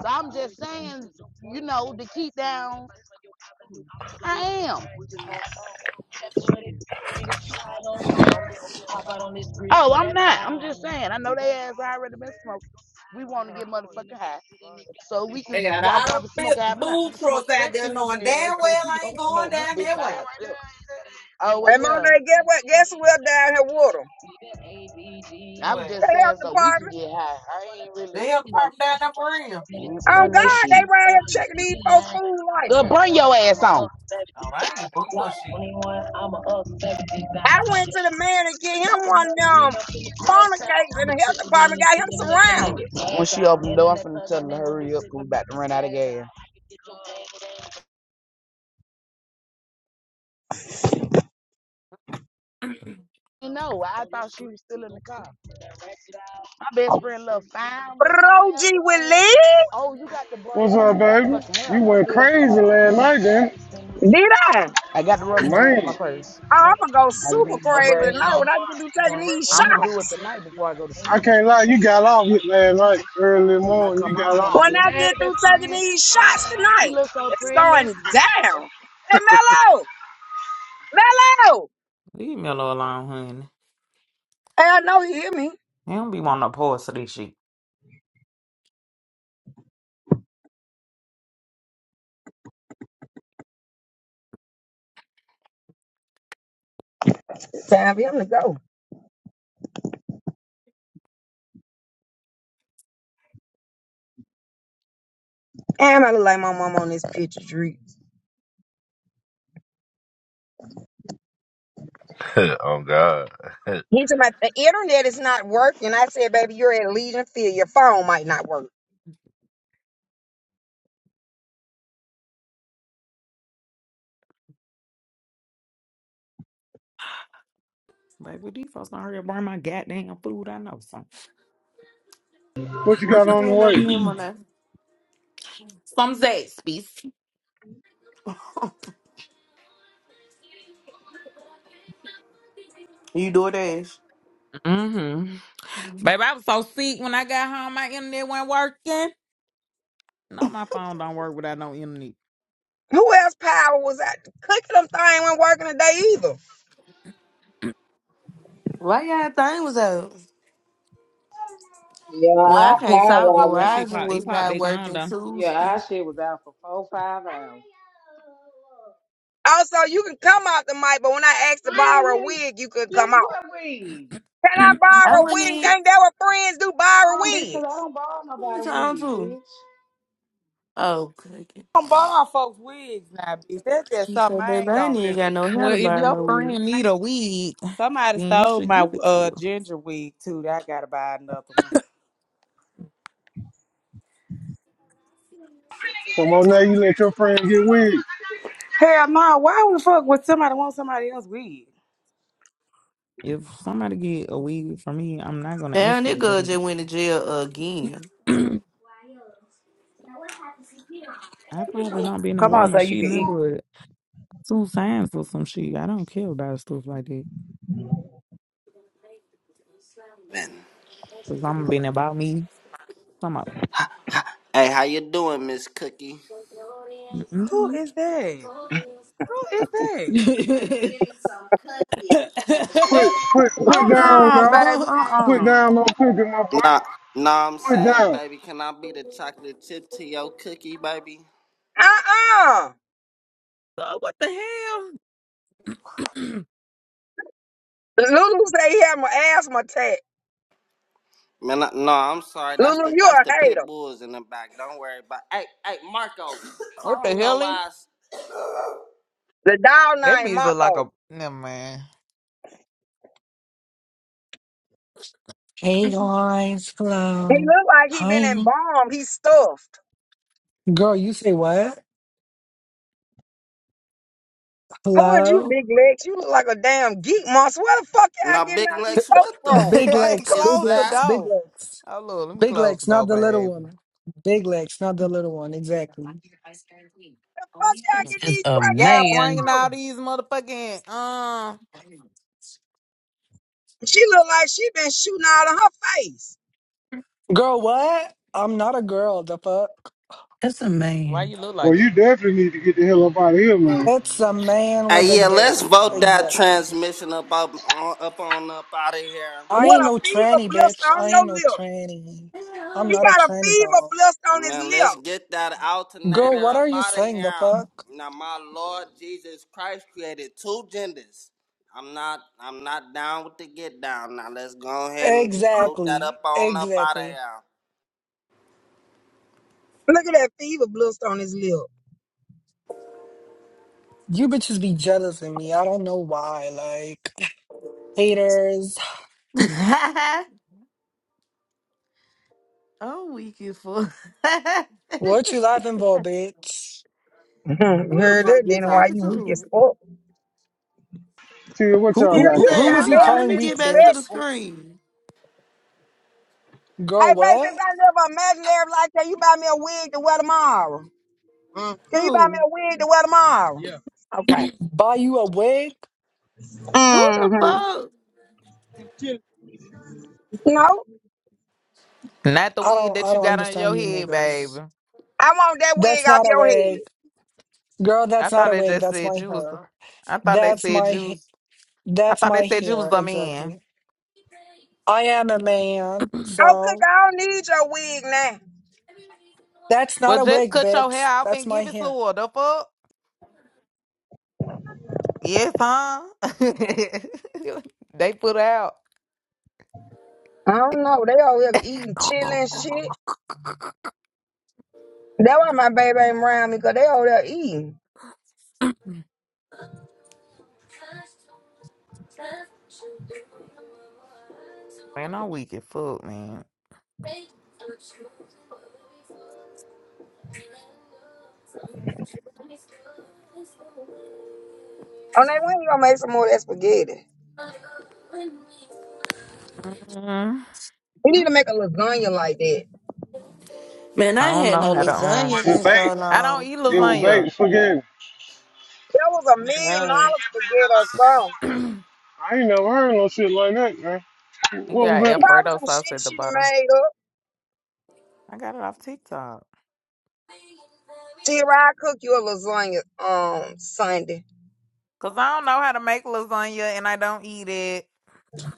Speaker 8: So I'm just saying, you know, to keep down, I am. Oh, I'm not. I'm just saying. I know they ass already been smoked. We want to get motherfucking high, so we can walk out and smoke out of nothing. We can smoke section with their ass, but we don't smoke this bitch by ourselves. Oh well,
Speaker 9: Hey Monday, guess what? Guess who else down here with them?
Speaker 8: yeah. I was
Speaker 9: The
Speaker 8: just saying
Speaker 9: health
Speaker 8: so we can
Speaker 9: department.
Speaker 8: get high. I ain't really, you know, it's
Speaker 9: Oh
Speaker 8: an
Speaker 9: God,
Speaker 8: issue.
Speaker 9: they round here checking these folks' food
Speaker 8: Girl,
Speaker 9: license.
Speaker 8: bring your ass on.
Speaker 9: I went to the man to get him one of them corner cakes in the health department, got him surrounded.
Speaker 8: When she opened the door, I'm finna tell her to hurry up, We about to run out of gas. didn't know. I thought she was still in the car. My best friend love fine
Speaker 9: But
Speaker 8: with her hair,
Speaker 9: OG
Speaker 8: with her
Speaker 9: Willie,
Speaker 8: hair. Oh, you got the
Speaker 17: What's
Speaker 8: braid,
Speaker 17: up,
Speaker 8: my
Speaker 17: baby?
Speaker 8: motherfucking hair. You
Speaker 17: You
Speaker 8: can
Speaker 17: went
Speaker 8: do it at the
Speaker 17: crazy last night, then.
Speaker 9: Did I?
Speaker 8: I got the rubber band in my
Speaker 17: Man,
Speaker 8: purse.
Speaker 9: Oh, I'm gonna go
Speaker 8: I just need
Speaker 9: super
Speaker 8: the Oh,
Speaker 9: crazy
Speaker 8: braid.
Speaker 9: tonight when I get through taking these
Speaker 8: I'm gonna do it
Speaker 9: shots.
Speaker 8: tonight before I go to
Speaker 17: I
Speaker 8: sleep.
Speaker 17: can't lie, you got off it last night, early
Speaker 8: When I
Speaker 17: morning.
Speaker 8: come
Speaker 17: You
Speaker 8: home,
Speaker 17: got
Speaker 8: I'm gonna
Speaker 17: off.
Speaker 9: When
Speaker 8: do.
Speaker 9: I
Speaker 8: Hey,
Speaker 9: get through
Speaker 8: best
Speaker 9: taking
Speaker 8: friend,
Speaker 9: these shots
Speaker 8: you
Speaker 9: tonight,
Speaker 8: look so
Speaker 9: it's
Speaker 8: pretty.
Speaker 9: going down. Hey, Mello! Mello! Hey, I know he hear me. It's time for him to go. Damn, I look like my mom on this picture, Dree.
Speaker 16: oh God.
Speaker 9: He said, my, the internet is not working. I said, baby, you're at Legion Field. Your phone might not work.
Speaker 17: What you
Speaker 3: What
Speaker 17: got
Speaker 3: you
Speaker 17: on the
Speaker 3: end up
Speaker 17: way?
Speaker 3: getting on that? You do dash.
Speaker 9: Who else power was out? Cooking them thing wasn't working today either.
Speaker 3: Why y'all thing was out?
Speaker 4: Yeah,
Speaker 3: Well, I
Speaker 4: I
Speaker 3: can't
Speaker 4: found
Speaker 3: talk. but
Speaker 4: what I want.
Speaker 3: Verizon was not working
Speaker 4: Yeah,
Speaker 3: Tuesday.
Speaker 4: our shit was out for four, five hours.
Speaker 9: Also, you can come out the mic, but when I asked to
Speaker 4: I
Speaker 9: borrow a
Speaker 4: ain't here.
Speaker 9: wig, you could
Speaker 4: Bitch,
Speaker 9: come out.
Speaker 4: what wig?
Speaker 9: Can I
Speaker 3: I
Speaker 9: borrow a
Speaker 3: went
Speaker 9: wig?
Speaker 3: in.
Speaker 9: Ain't that what friends do? Borrow
Speaker 4: Um, bitch, because I
Speaker 9: wigs.
Speaker 4: don't borrow
Speaker 3: What
Speaker 4: nobody
Speaker 3: you talking
Speaker 4: wig, bitch.
Speaker 3: Oh, okay.
Speaker 4: I don't borrow folks' wigs now, bitch. That's just
Speaker 3: You
Speaker 4: something
Speaker 3: said,
Speaker 4: I
Speaker 3: baby,
Speaker 4: ain't
Speaker 3: I ain't
Speaker 4: gonna
Speaker 3: even
Speaker 4: do.
Speaker 3: got no hair to burn no wood.
Speaker 4: Somebody stole my uh ginger wig too. That I gotta buy another one.
Speaker 17: Come on now, you let your friend get weird.
Speaker 4: Hell no, why would the fuck would somebody want somebody else's wig?
Speaker 3: Damn, that girl just went to jail again.
Speaker 4: Come on, so you can eat.
Speaker 18: Hey, how you doing, Miss Cookie?
Speaker 4: Who is that? Who is that?
Speaker 17: Put, put, put
Speaker 4: Uh
Speaker 17: down,
Speaker 4: uh
Speaker 17: dog.
Speaker 4: baby. uh
Speaker 17: Put
Speaker 4: uh
Speaker 17: down, no cooking, my boy.
Speaker 18: Nah, nah, I'm
Speaker 17: Put
Speaker 18: saying,
Speaker 17: down.
Speaker 18: baby, can I be the chocolate chip to your cookie, baby?
Speaker 9: Uh-uh. Lulu say he had my asthma attack.
Speaker 18: Man, I, no, I'm sorry. That's
Speaker 9: Lulu,
Speaker 18: the
Speaker 9: you
Speaker 18: that's
Speaker 9: a
Speaker 18: the pit
Speaker 9: hater.
Speaker 18: bulls in the back. Don't worry about. Hey, hey, Marco, calm your ass.
Speaker 9: The dog named Marco.
Speaker 19: Hey guys,
Speaker 9: He
Speaker 19: hello.
Speaker 9: look like he been
Speaker 19: Hi.
Speaker 9: embalmed. He's stuffed.
Speaker 19: Girl, you say what?
Speaker 9: Who is you,
Speaker 19: Hello?
Speaker 9: Big Legs? You look like a damn geek monster. Where the fuck y'all
Speaker 18: Now,
Speaker 9: getting
Speaker 18: Big
Speaker 9: all these
Speaker 18: Lex,
Speaker 19: Th-
Speaker 9: folks
Speaker 18: what the
Speaker 9: from?
Speaker 19: big
Speaker 18: fuck
Speaker 19: legs,
Speaker 18: is
Speaker 19: big legs,
Speaker 18: that?
Speaker 19: big legs. Big legs, not the little one. Big legs, not the little one, exactly.
Speaker 9: Fuck y'all get
Speaker 20: It's
Speaker 9: these
Speaker 20: a
Speaker 9: crack ass
Speaker 20: man.
Speaker 9: from? She look like she been shooting out of her face.
Speaker 19: Girl, what? I'm not a girl, the fuck.
Speaker 20: It's a man.
Speaker 17: Well, you definitely need to get the hell up out of here, man.
Speaker 19: It's a man with
Speaker 18: Hey,
Speaker 19: a
Speaker 18: yeah,
Speaker 19: dick,
Speaker 18: let's vote that
Speaker 19: exactly.
Speaker 18: transmission up up, up on up out of here.
Speaker 19: I
Speaker 9: What
Speaker 19: ain't
Speaker 9: a
Speaker 19: no
Speaker 9: fever
Speaker 19: tranny,
Speaker 9: blister
Speaker 19: bitch.
Speaker 9: on
Speaker 19: I
Speaker 9: your
Speaker 19: ain't no
Speaker 9: lip.
Speaker 19: tranny. I'm
Speaker 9: He
Speaker 19: not a
Speaker 9: got a
Speaker 19: tranny
Speaker 9: fever
Speaker 19: doll.
Speaker 9: blister on his
Speaker 18: Man, let's
Speaker 9: lip.
Speaker 18: get that
Speaker 19: Girl,
Speaker 18: alternator
Speaker 19: what
Speaker 18: up
Speaker 19: are you
Speaker 18: out of
Speaker 19: saying,
Speaker 18: here.
Speaker 19: the fuck?
Speaker 18: Now, my Lord Jesus Christ created two genders. I'm not, I'm not down with the get down. Now, let's go ahead and just boot that up
Speaker 19: Exactly,
Speaker 18: on up out of
Speaker 19: exactly.
Speaker 18: here.
Speaker 9: Look at that fever blister on his lip.
Speaker 19: You bitches be jealous of me. I don't know why. Like haters.
Speaker 3: I'm weak as fuck.
Speaker 19: What you laughing for, bitch?
Speaker 9: Mhm. you
Speaker 3: Who the
Speaker 9: heard
Speaker 3: fuck
Speaker 9: that?
Speaker 3: you
Speaker 9: Then why
Speaker 3: talking
Speaker 9: you
Speaker 3: to?
Speaker 9: weak as
Speaker 3: Who
Speaker 9: fuck?
Speaker 17: Tell what
Speaker 19: Who
Speaker 17: y'all
Speaker 9: Till
Speaker 19: who
Speaker 3: is
Speaker 17: got
Speaker 19: who
Speaker 9: you
Speaker 17: going
Speaker 9: done
Speaker 19: who
Speaker 3: that?
Speaker 19: was
Speaker 9: got
Speaker 3: Hold
Speaker 19: you
Speaker 17: on.
Speaker 3: on,
Speaker 9: very
Speaker 3: let
Speaker 19: calling
Speaker 3: me get
Speaker 19: weak,
Speaker 3: back to the
Speaker 19: bitch?
Speaker 9: disrespectful.
Speaker 3: screen.
Speaker 9: Hey,
Speaker 19: Girl,
Speaker 9: baby, since
Speaker 19: what?
Speaker 9: I live an imaginary life that you buy me a wig to wear tomorrow. Can you buy me
Speaker 3: Who?
Speaker 9: a wig to wear tomorrow? Okay.
Speaker 19: Buy you a wig?
Speaker 3: Who the
Speaker 9: Mm-hmm.
Speaker 3: fuck?
Speaker 9: No,
Speaker 19: I don't I don't understand you niggas.
Speaker 9: I want that
Speaker 19: That's
Speaker 9: wig off
Speaker 19: not a
Speaker 9: your
Speaker 19: wig.
Speaker 9: head.
Speaker 19: Girl, that's not a wig. That's my hair. That's my ha- that's my hair, exactly. I am a man,
Speaker 9: Oh, cook,
Speaker 19: so
Speaker 9: I don't need your wig now.
Speaker 19: that's not a wig, bitch. That's my hair.
Speaker 9: I don't know. They over there eating, chilling, shit. That's why my baby ain't around me, because they over there eating. On that when you gonna make some more of that spaghetti? We need to make a lasagna like that.
Speaker 3: Man, I ain't had no lasagna
Speaker 17: Was it
Speaker 3: in
Speaker 17: bait?
Speaker 3: so long.
Speaker 17: It was bait. Forget it.
Speaker 9: That was a million
Speaker 3: God.
Speaker 9: dollar spaghetti or something.
Speaker 17: I ain't never heard no shit like that, man. What was that?
Speaker 9: Probably some shit she done made up. Tira, I cook you a lasagna um Sunday.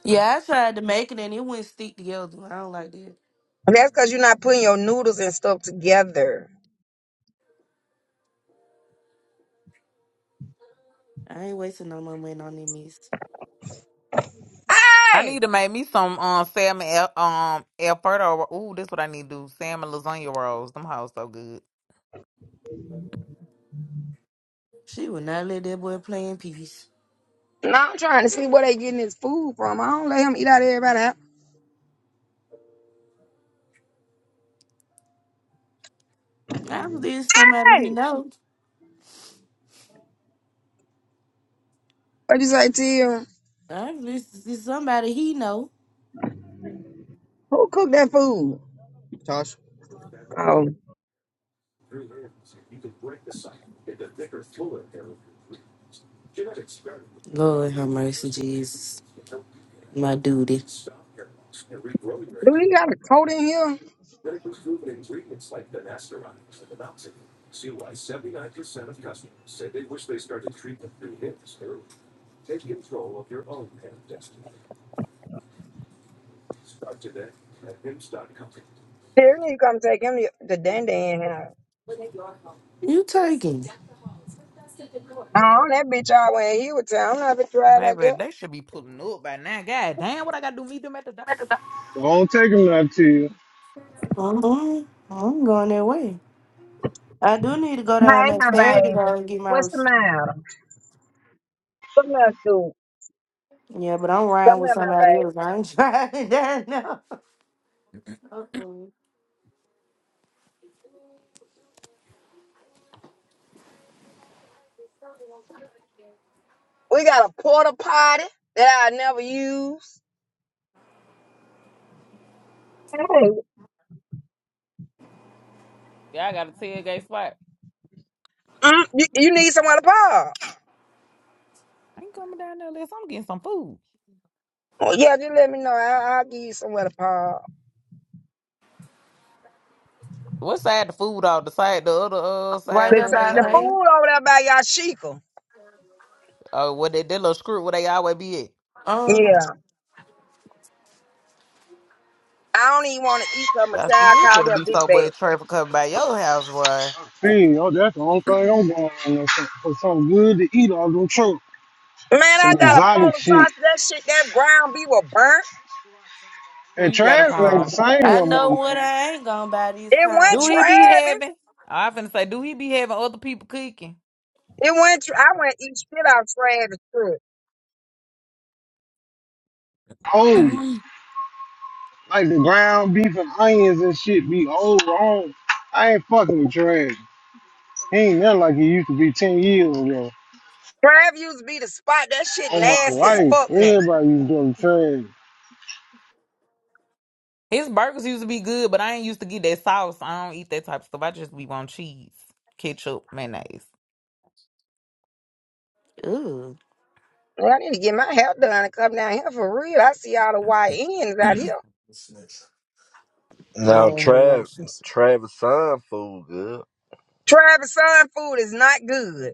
Speaker 3: Yeah, I tried to make it and it wouldn't stick together. I don't like that.
Speaker 9: And that's because you're not putting your noodles and stuff together.
Speaker 3: I ain't wasting no more money on that mess.
Speaker 9: Hey!
Speaker 3: She would not let that boy play in peace.
Speaker 9: Now I'm trying to see where they getting this food from. I don't let him eat out of everybody's house.
Speaker 3: I was listening to somebody he
Speaker 9: Hey!
Speaker 3: know.
Speaker 9: What you say, Tia?
Speaker 3: I was listening to somebody he know.
Speaker 9: Who cooked that food? Oh.
Speaker 3: Lord have mercy, Jesus. My duty.
Speaker 9: Do he got a coat in here? Here, you come take him to the dandy in here.
Speaker 3: You taking it.
Speaker 9: No, that bitch I went here with town. I'm not gonna drive out there.
Speaker 17: Don't take him nothing to you.
Speaker 3: Mm-mm. I'm going that way. I do need to go down
Speaker 9: Hey,
Speaker 3: that
Speaker 9: my
Speaker 3: Saturday though
Speaker 9: baby.
Speaker 3: and get my
Speaker 9: What's the
Speaker 3: receipt.
Speaker 9: matter? Come here, dude.
Speaker 3: Yeah, but I'm
Speaker 9: Come
Speaker 3: riding with
Speaker 9: here, my
Speaker 3: somebody
Speaker 9: baby.
Speaker 3: else. I ain't driving down now. Uh
Speaker 9: We got a porta potty that I never use. Hey, mm, you, you need somewhere to park. Oh, yeah, just let me know. I, I'll give you somewhere to park.
Speaker 3: Right
Speaker 9: The,
Speaker 3: there
Speaker 9: the
Speaker 3: by ain't.
Speaker 9: food over there by Yashika.
Speaker 3: Uh-huh.
Speaker 9: Yeah. I don't even want to eat some. My child called me a big bag.
Speaker 17: Dang, oh, that's the only thing I'm going on is some- for something good to eat off them truck.
Speaker 9: Man,
Speaker 17: Some
Speaker 9: I got a
Speaker 17: exotic
Speaker 9: polar
Speaker 17: shit.
Speaker 9: sausage. That shit, that ground beef was burnt.
Speaker 17: And Travis ain't the same
Speaker 3: I
Speaker 17: no more,
Speaker 3: know what
Speaker 17: man.
Speaker 3: I ain't gonna buy these
Speaker 9: It went
Speaker 3: times.
Speaker 9: Travis. It went, Tra- I went eat shit out Travis food.
Speaker 17: Old. Like the ground beef and onions and shit be old wrong. I ain't fucking with Travis. He ain't nothing like he used to be 10 years ago.
Speaker 9: Travis used to be the spot. That shit
Speaker 17: On my
Speaker 9: nasty as
Speaker 17: life,
Speaker 9: fuck now.
Speaker 17: everybody used to go to Travis.
Speaker 3: Ooh,
Speaker 9: Well, I need to get my hair done and come down here for real. I see all the white ends out here.
Speaker 16: now
Speaker 3: no, I'm not
Speaker 16: Trav
Speaker 3: sure.
Speaker 16: Travis son food good.
Speaker 9: Travis' son food is not good.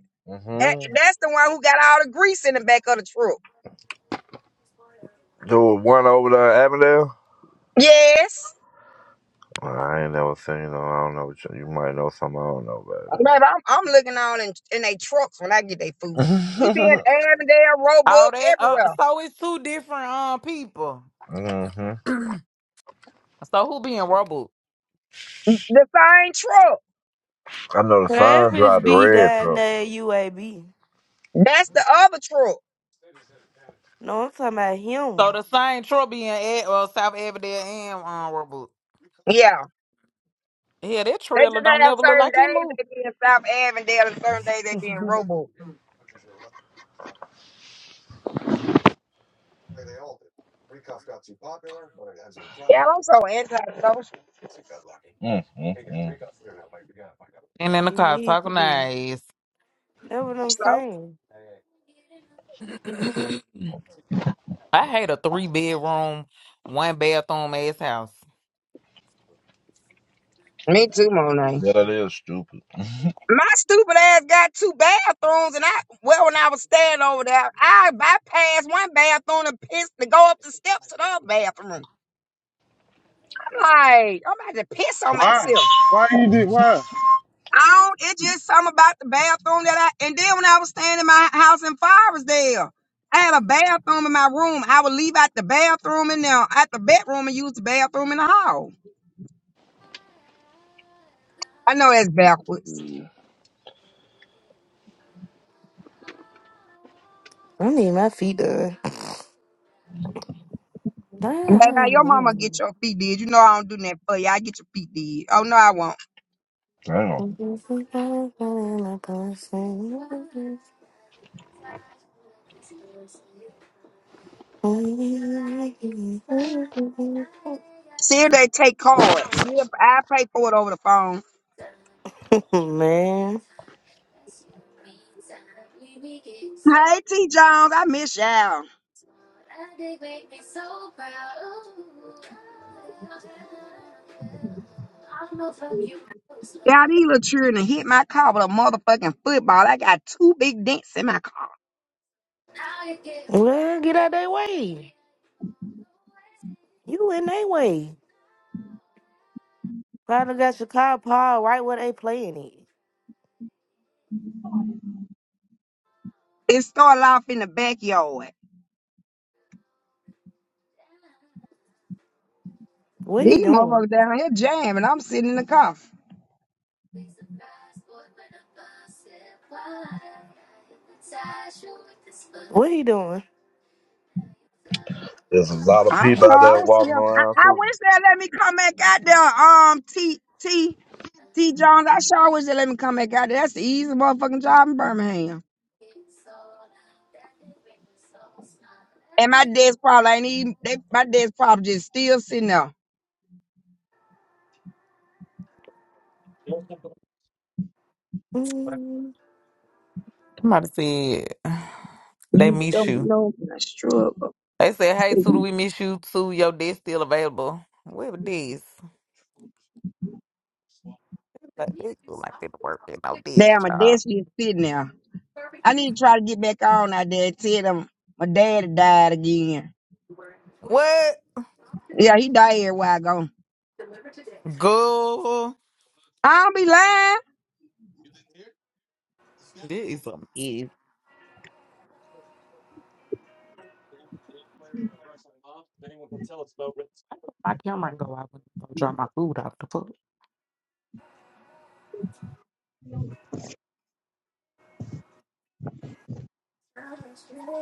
Speaker 9: That
Speaker 16: hmm
Speaker 9: that's the one who got all the grease in the back of the truck.
Speaker 16: The one over there, at Avondale.
Speaker 9: Yes.
Speaker 16: Nah, I ain't never seen them. I don't know. What you, you might know something I don't know,
Speaker 9: But I'm I'm looking on in, in they trucks when I get their
Speaker 16: baby.
Speaker 9: food. He be in Avondale, Roebuck, everywhere.
Speaker 16: hmm
Speaker 9: The same truck.
Speaker 16: I know the sun
Speaker 3: Travis
Speaker 16: drive the
Speaker 3: be
Speaker 16: red
Speaker 3: down
Speaker 16: truck.
Speaker 3: there at UAB.
Speaker 9: That's the other truck.
Speaker 3: No, I'm talking about him.
Speaker 9: Yeah. They just have certain days they be in South Avondale and certain days they be in Roebuck. Yeah, I'm so antisocial.
Speaker 16: Mm-hmm.
Speaker 3: He need to be. That's what I'm
Speaker 9: So
Speaker 3: saying.
Speaker 9: me too, Monet.
Speaker 16: Yeah, that is stupid.
Speaker 9: My stupid ass got two bathrooms, and I well when I was staying over there, I bypassed one bathroom and pissed to go up the steps to the other bathroom. I'm like, I'm about to piss on
Speaker 17: Why?
Speaker 9: myself.
Speaker 17: Why you did why?
Speaker 9: I don't, it just something about the bathroom that I, and then when I was staying in my house in Firesdale, I had a bathroom in my room. I would leave out the bathroom and now at the bedroom and use the bathroom in the hall. I know that's backwards.
Speaker 16: Mm.
Speaker 3: I need my feet done.
Speaker 9: Man, now your mama get
Speaker 3: Damn.
Speaker 9: your feet did. You know I don't do that for you. I get your feet did. Oh no, I won't.
Speaker 16: Damn.
Speaker 9: See if they take cards. We, I pay for it over the phone.
Speaker 3: Man.
Speaker 9: Hey T Jones, I miss y'all. Y'all these little children hit my car with a motherfucking football. I got two big dents in my car.
Speaker 3: Well, get out that way. You in they way. Probably got your car Paul right where they playing it.
Speaker 9: It started off in the backyard.
Speaker 3: What he
Speaker 9: These
Speaker 3: doing?
Speaker 9: motherfuckers down here jamming. I'm sitting in the car.
Speaker 3: What he doing?
Speaker 16: There's a lot of
Speaker 9: I don't
Speaker 16: people
Speaker 9: know.
Speaker 16: out
Speaker 9: I
Speaker 16: there
Speaker 9: don't see
Speaker 16: walking
Speaker 9: them. I,
Speaker 16: around,
Speaker 9: I
Speaker 16: Susan.
Speaker 9: wish they let me come back out there. Um, T T T Jones. I sure wish they let me come back out there. That's the easiest motherfucking job in Birmingham. And my dad's probably ain't even. They, my dad's probably just still sitting there.
Speaker 3: Mm.
Speaker 9: You don't know my struggle. Damn, my dad's just sitting there. I need to try to get back on out there. and Tell them my dad died again. Yeah, he died a while ago. I'll be lying.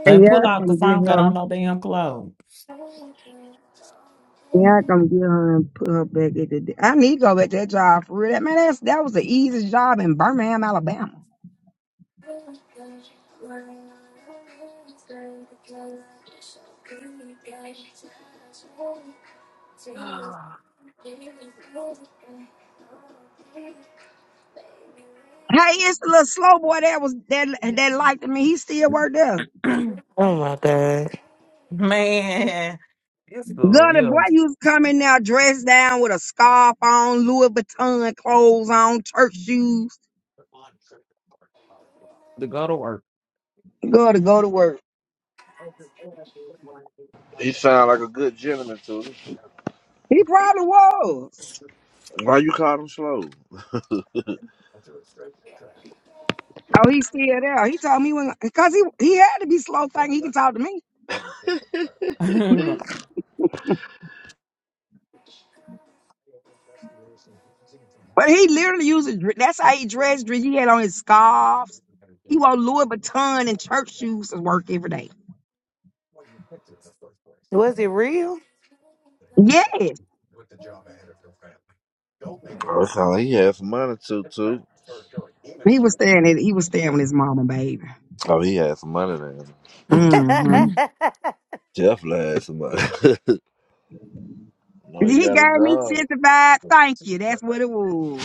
Speaker 9: And yeah, come get her. Yeah, come get her and put her back at the. I need to go at that job for real. That man, that's that was the easiest job in Birmingham, Alabama. Hey, it's the little slow boy that was that that liked me. He still worked there.
Speaker 3: Oh my god.
Speaker 9: Gunner, boy, you was coming now dressed down with a scarf on, Louis Vuitton clothes on, church shoes. Go to go to work.
Speaker 16: He sound like a good gentleman, Susan.
Speaker 9: He probably was.
Speaker 16: Why you call him slow?
Speaker 9: Oh, he's still there. He told me when, cause he he had to be slow thinking. He can talk to me, but he literally used. A, dre- that's how he dressed. dre- He had on his scarves. He wore Louis Vuitton and church shoes to work every day.
Speaker 3: Was it real?
Speaker 9: Yes,
Speaker 16: Oh, it sound like he had some money, too, too.
Speaker 9: he was staying. at- He was staying with his mama, baby.
Speaker 16: Oh, he had some money then.
Speaker 3: you
Speaker 9: hmm
Speaker 3: gotta
Speaker 16: Definitely had some money. no, he
Speaker 9: He
Speaker 16: got a
Speaker 9: gave me
Speaker 16: job.
Speaker 9: 55. Thank you. That's what it was.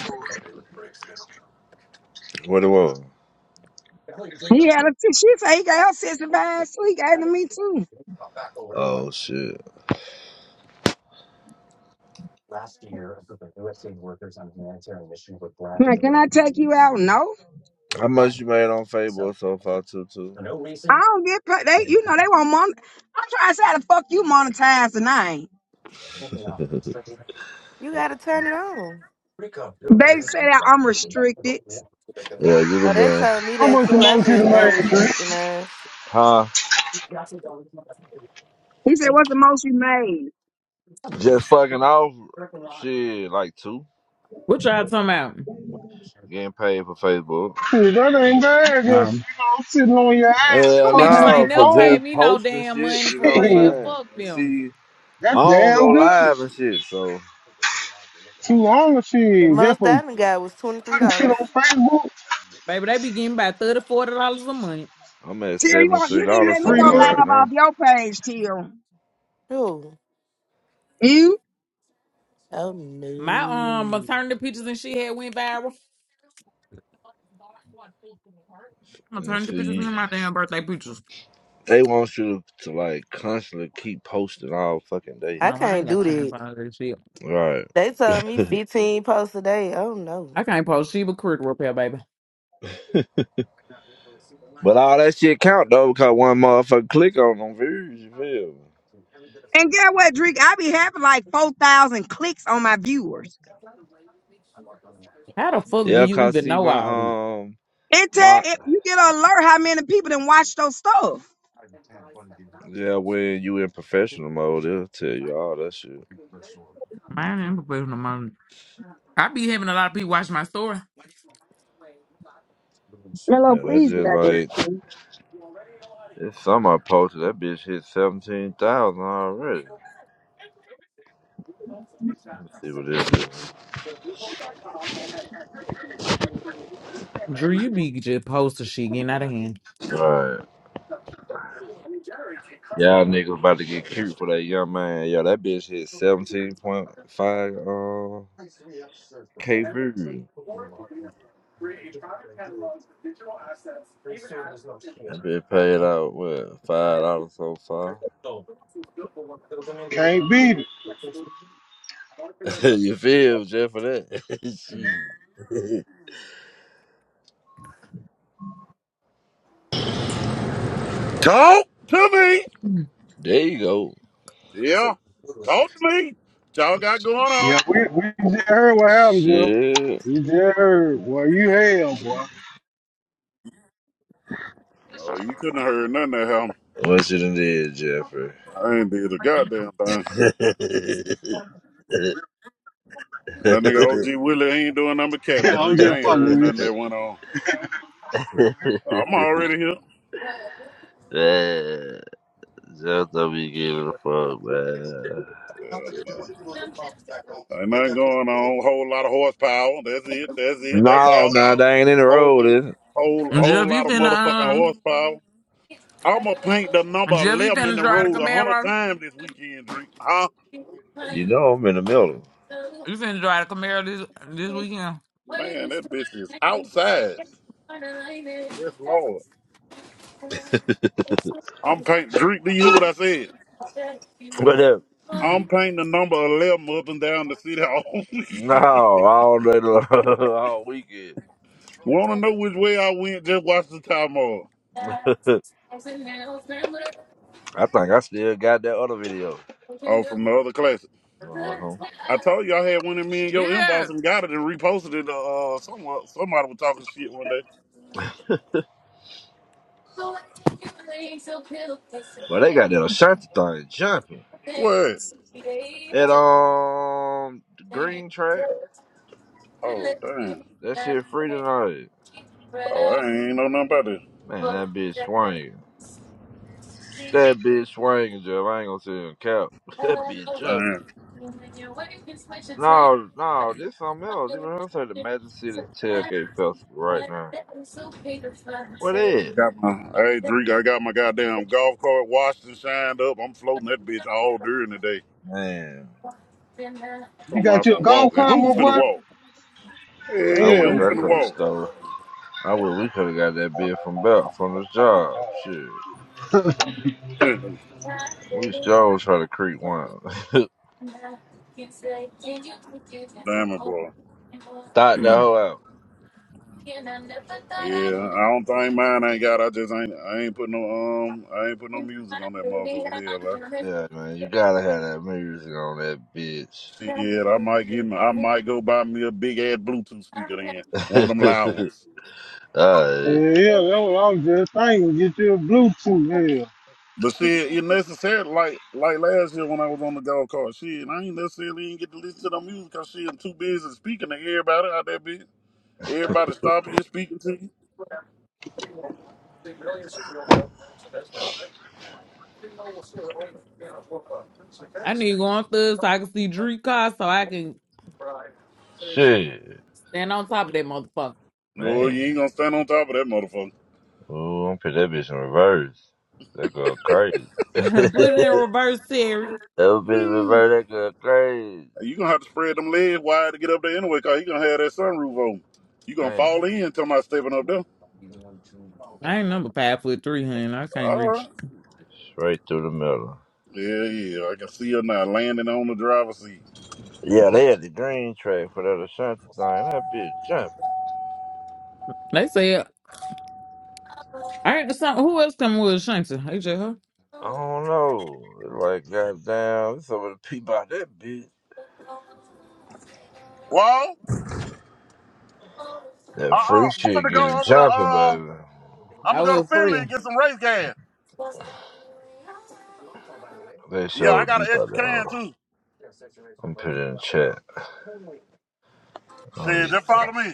Speaker 16: What it was?
Speaker 9: He had a t- she said he gave her sister five. So he gave to me too.
Speaker 16: Oh, shit.
Speaker 9: Like, can I take you out? No.
Speaker 16: How much you made on Facebook so far, too,
Speaker 9: I don't get pa- they you know they want not mon I'm trying to say how the fuck you monetize and I ain't.
Speaker 3: turn it on.
Speaker 9: They say that I'm restricted.
Speaker 16: Yeah, you'd
Speaker 3: Oh,
Speaker 16: have
Speaker 3: they
Speaker 16: been.
Speaker 3: told me
Speaker 17: How
Speaker 3: that
Speaker 17: much
Speaker 3: too. I
Speaker 17: promotion you
Speaker 3: just
Speaker 17: made,
Speaker 3: unrestricted
Speaker 17: Chris?
Speaker 3: mine.
Speaker 16: Huh?
Speaker 9: He said, What's the most you made?
Speaker 16: Just fucking off. Shit, like two. Getting paid for Facebook.
Speaker 17: Shit, That ain't bad. Just, you know, sitting on your ass,
Speaker 16: Hell
Speaker 17: fucking with
Speaker 16: no,
Speaker 17: your
Speaker 16: for
Speaker 17: phone.
Speaker 16: just posting shit, you know what
Speaker 17: Shit.
Speaker 16: I'm saying? And see,
Speaker 17: That's
Speaker 16: I don't go
Speaker 17: damn good.
Speaker 16: live and shit, so
Speaker 17: Too long of
Speaker 3: The
Speaker 17: shit. Just
Speaker 3: most
Speaker 17: for
Speaker 3: I done got was twenty three
Speaker 17: putting shit on
Speaker 3: dollars.
Speaker 17: Facebook.
Speaker 16: I'm at
Speaker 9: Till you want
Speaker 16: $73
Speaker 17: Shit,
Speaker 9: you need to
Speaker 17: it's
Speaker 9: let me
Speaker 16: so
Speaker 17: free
Speaker 9: go
Speaker 16: far right
Speaker 17: money.
Speaker 9: live off
Speaker 16: now.
Speaker 9: your page, Till.
Speaker 3: Oh,
Speaker 9: You
Speaker 3: oh no.
Speaker 16: And see, they want you to like constantly keep posting all fucking day.
Speaker 3: I can't do that.
Speaker 16: Right.
Speaker 3: They told me fifteen posts a day. Oh no.
Speaker 16: But all that shit count though, because one motherfucker click on them views, you feel me?
Speaker 9: and get what, Drake? I be having like four thousand clicks on my viewers.
Speaker 16: Yeah, cause see my um
Speaker 9: It tell
Speaker 16: my
Speaker 9: if you get an alert how many people done watch those stuff.
Speaker 16: yeah when you in professional mode they'll tell you all that shit.
Speaker 9: Hello,
Speaker 16: Yeah, that's
Speaker 9: please get
Speaker 16: just
Speaker 9: out
Speaker 16: like
Speaker 9: there.
Speaker 16: it's some I posted that bitch hit seventeen thousand already. Let me see what this is. Right. Y'all niggas about to get cute for that young man. Yeah, that bitch hit seventeen point five uh K views. That bitch paid out what five dollars so far.
Speaker 17: Can't beat it.
Speaker 16: you feel me, just for that? Shit.
Speaker 21: Talk to
Speaker 16: there you go.
Speaker 21: me. Yeah. Talk to me. What y'all got going on?
Speaker 17: Yeah, we, we just heard what happened, Jill.
Speaker 16: Shit.
Speaker 17: We just heard. Boy, you hell, boy.
Speaker 21: Oh, you couldn't have heard nothing that happened.
Speaker 16: What you done did, Jeffrey?
Speaker 21: I ain't did a goddamn thing. That nigga OG Willie ain't doing nothing but
Speaker 17: Yeah, I'm
Speaker 21: cabinetry.
Speaker 17: just
Speaker 21: I ain't
Speaker 17: fucking
Speaker 21: heard
Speaker 17: with
Speaker 21: nothing that went on. I'm already here.
Speaker 16: man, Jeff don't be giving a fuck, man.
Speaker 21: Um, uh, ain't nothing going on. Whole lot of horsepower. That's it. That's it. That's
Speaker 16: No,
Speaker 21: all.
Speaker 16: no, they ain't in the
Speaker 21: Whole,
Speaker 16: road, is it?
Speaker 21: whole, whole lot of motherfucking horsepower. I'ma paint the number eleven in the road a hundred times this weekend, Dree. Huh?
Speaker 16: You know I'm in the middle.
Speaker 21: Man, that bitch is outside. Yes, Lord. I'm painting. Drink. Do you hear what I said?
Speaker 16: But uh,
Speaker 21: I'm painting the number eleven up and down the city hall.
Speaker 16: no, all day long, all weekend.
Speaker 21: Want to know which way I went? Just watch the time off.
Speaker 16: I think I still got that other video.
Speaker 21: Oh, from the other classic.
Speaker 16: Uh-huh.
Speaker 21: I told you I had one in me and your inbox and got it and reposted it. Uh, someone somebody was talking shit one day.
Speaker 16: But they got that Ashanti thing jumping.
Speaker 21: What?
Speaker 16: That um green track.
Speaker 21: Oh damn.
Speaker 16: That shit free tonight.
Speaker 21: Oh, I ain't know nothing about this.
Speaker 16: Man, that bitch swinging. That bitch swinging Jeff. I ain't gonna say you count That bitch chubby.
Speaker 21: Man,
Speaker 16: No, no, this something else. Even I say the Magic City Tailgate Festival right now. What
Speaker 21: I
Speaker 16: is?
Speaker 21: got my hey Drake, I got my goddamn golf cart washed and shined up. I'm floating that bitch all during the day.
Speaker 16: Man,
Speaker 17: you. You
Speaker 21: Talking
Speaker 17: got
Speaker 21: about
Speaker 17: your
Speaker 21: some
Speaker 17: golf
Speaker 21: walking.
Speaker 17: cart, my
Speaker 21: Who finna
Speaker 17: boy?
Speaker 21: walk?
Speaker 17: Hell,
Speaker 21: Yeah,
Speaker 16: I
Speaker 21: yeah,
Speaker 16: wish
Speaker 17: yeah.
Speaker 21: who
Speaker 16: I
Speaker 21: finna
Speaker 16: could have
Speaker 21: walk?
Speaker 16: stole. it. I wish we could have got that bid from Belt from this job. Shit, we sure try to creep one.
Speaker 21: Damnable.
Speaker 16: Thought the hoe out.
Speaker 21: Yeah, I don't think mine ain't got. I just ain't. I ain't put no um. I ain't put no music on that motherfucker. Hell,
Speaker 16: Yeah, man, you gotta have that music on that bitch.
Speaker 21: I, shit. I might get. I might go buy me a big ass Bluetooth speaker then, one of them loud ones.
Speaker 17: Yeah,
Speaker 16: uh,
Speaker 17: yeah, that's what I was just thinking. Get you a Bluetooth.
Speaker 21: But shit, it necessary. Like like last year when I was on the golf cart, shit, I ain't necessarily even get to listen to no music. Cause shit, I'm too busy speaking to everybody out there. Bitch, everybody stopping you, speaking to you.
Speaker 16: shit,
Speaker 21: No,
Speaker 16: man.
Speaker 21: you ain't gonna stand on top of that motherfucker.
Speaker 16: Ooh, I'm gonna put that bitch in reverse. That go crazy. That bitch revert that girl crazy.
Speaker 21: You're gonna have to spread them legs wide to get up there anyway, cause you gonna have that sunroof on. You're gonna
Speaker 16: Man,
Speaker 21: fall in talking about stepping up there. All right.
Speaker 16: straight through the middle.
Speaker 21: Yeah, yeah. I can see her now landing on the driver's seat.
Speaker 16: Yeah, they had the green track for that Ashanti thing. That bitch jumping. I don't know. Like, goddamn, there's so many people out that bitch.
Speaker 21: Well,
Speaker 16: That
Speaker 21: uh-uh.
Speaker 16: freak
Speaker 21: I'm
Speaker 16: shit
Speaker 21: gonna go
Speaker 16: getting
Speaker 21: over to
Speaker 16: jumping,
Speaker 21: uh
Speaker 16: baby.
Speaker 21: I'm gonna go to Finland and get some race gas.
Speaker 16: They
Speaker 21: Yeah,
Speaker 16: so
Speaker 21: I got
Speaker 16: deep
Speaker 21: an
Speaker 16: out
Speaker 21: extra
Speaker 16: there.
Speaker 21: can too.
Speaker 16: I'm putting it in the chat. I don't
Speaker 21: Shit, just follow me.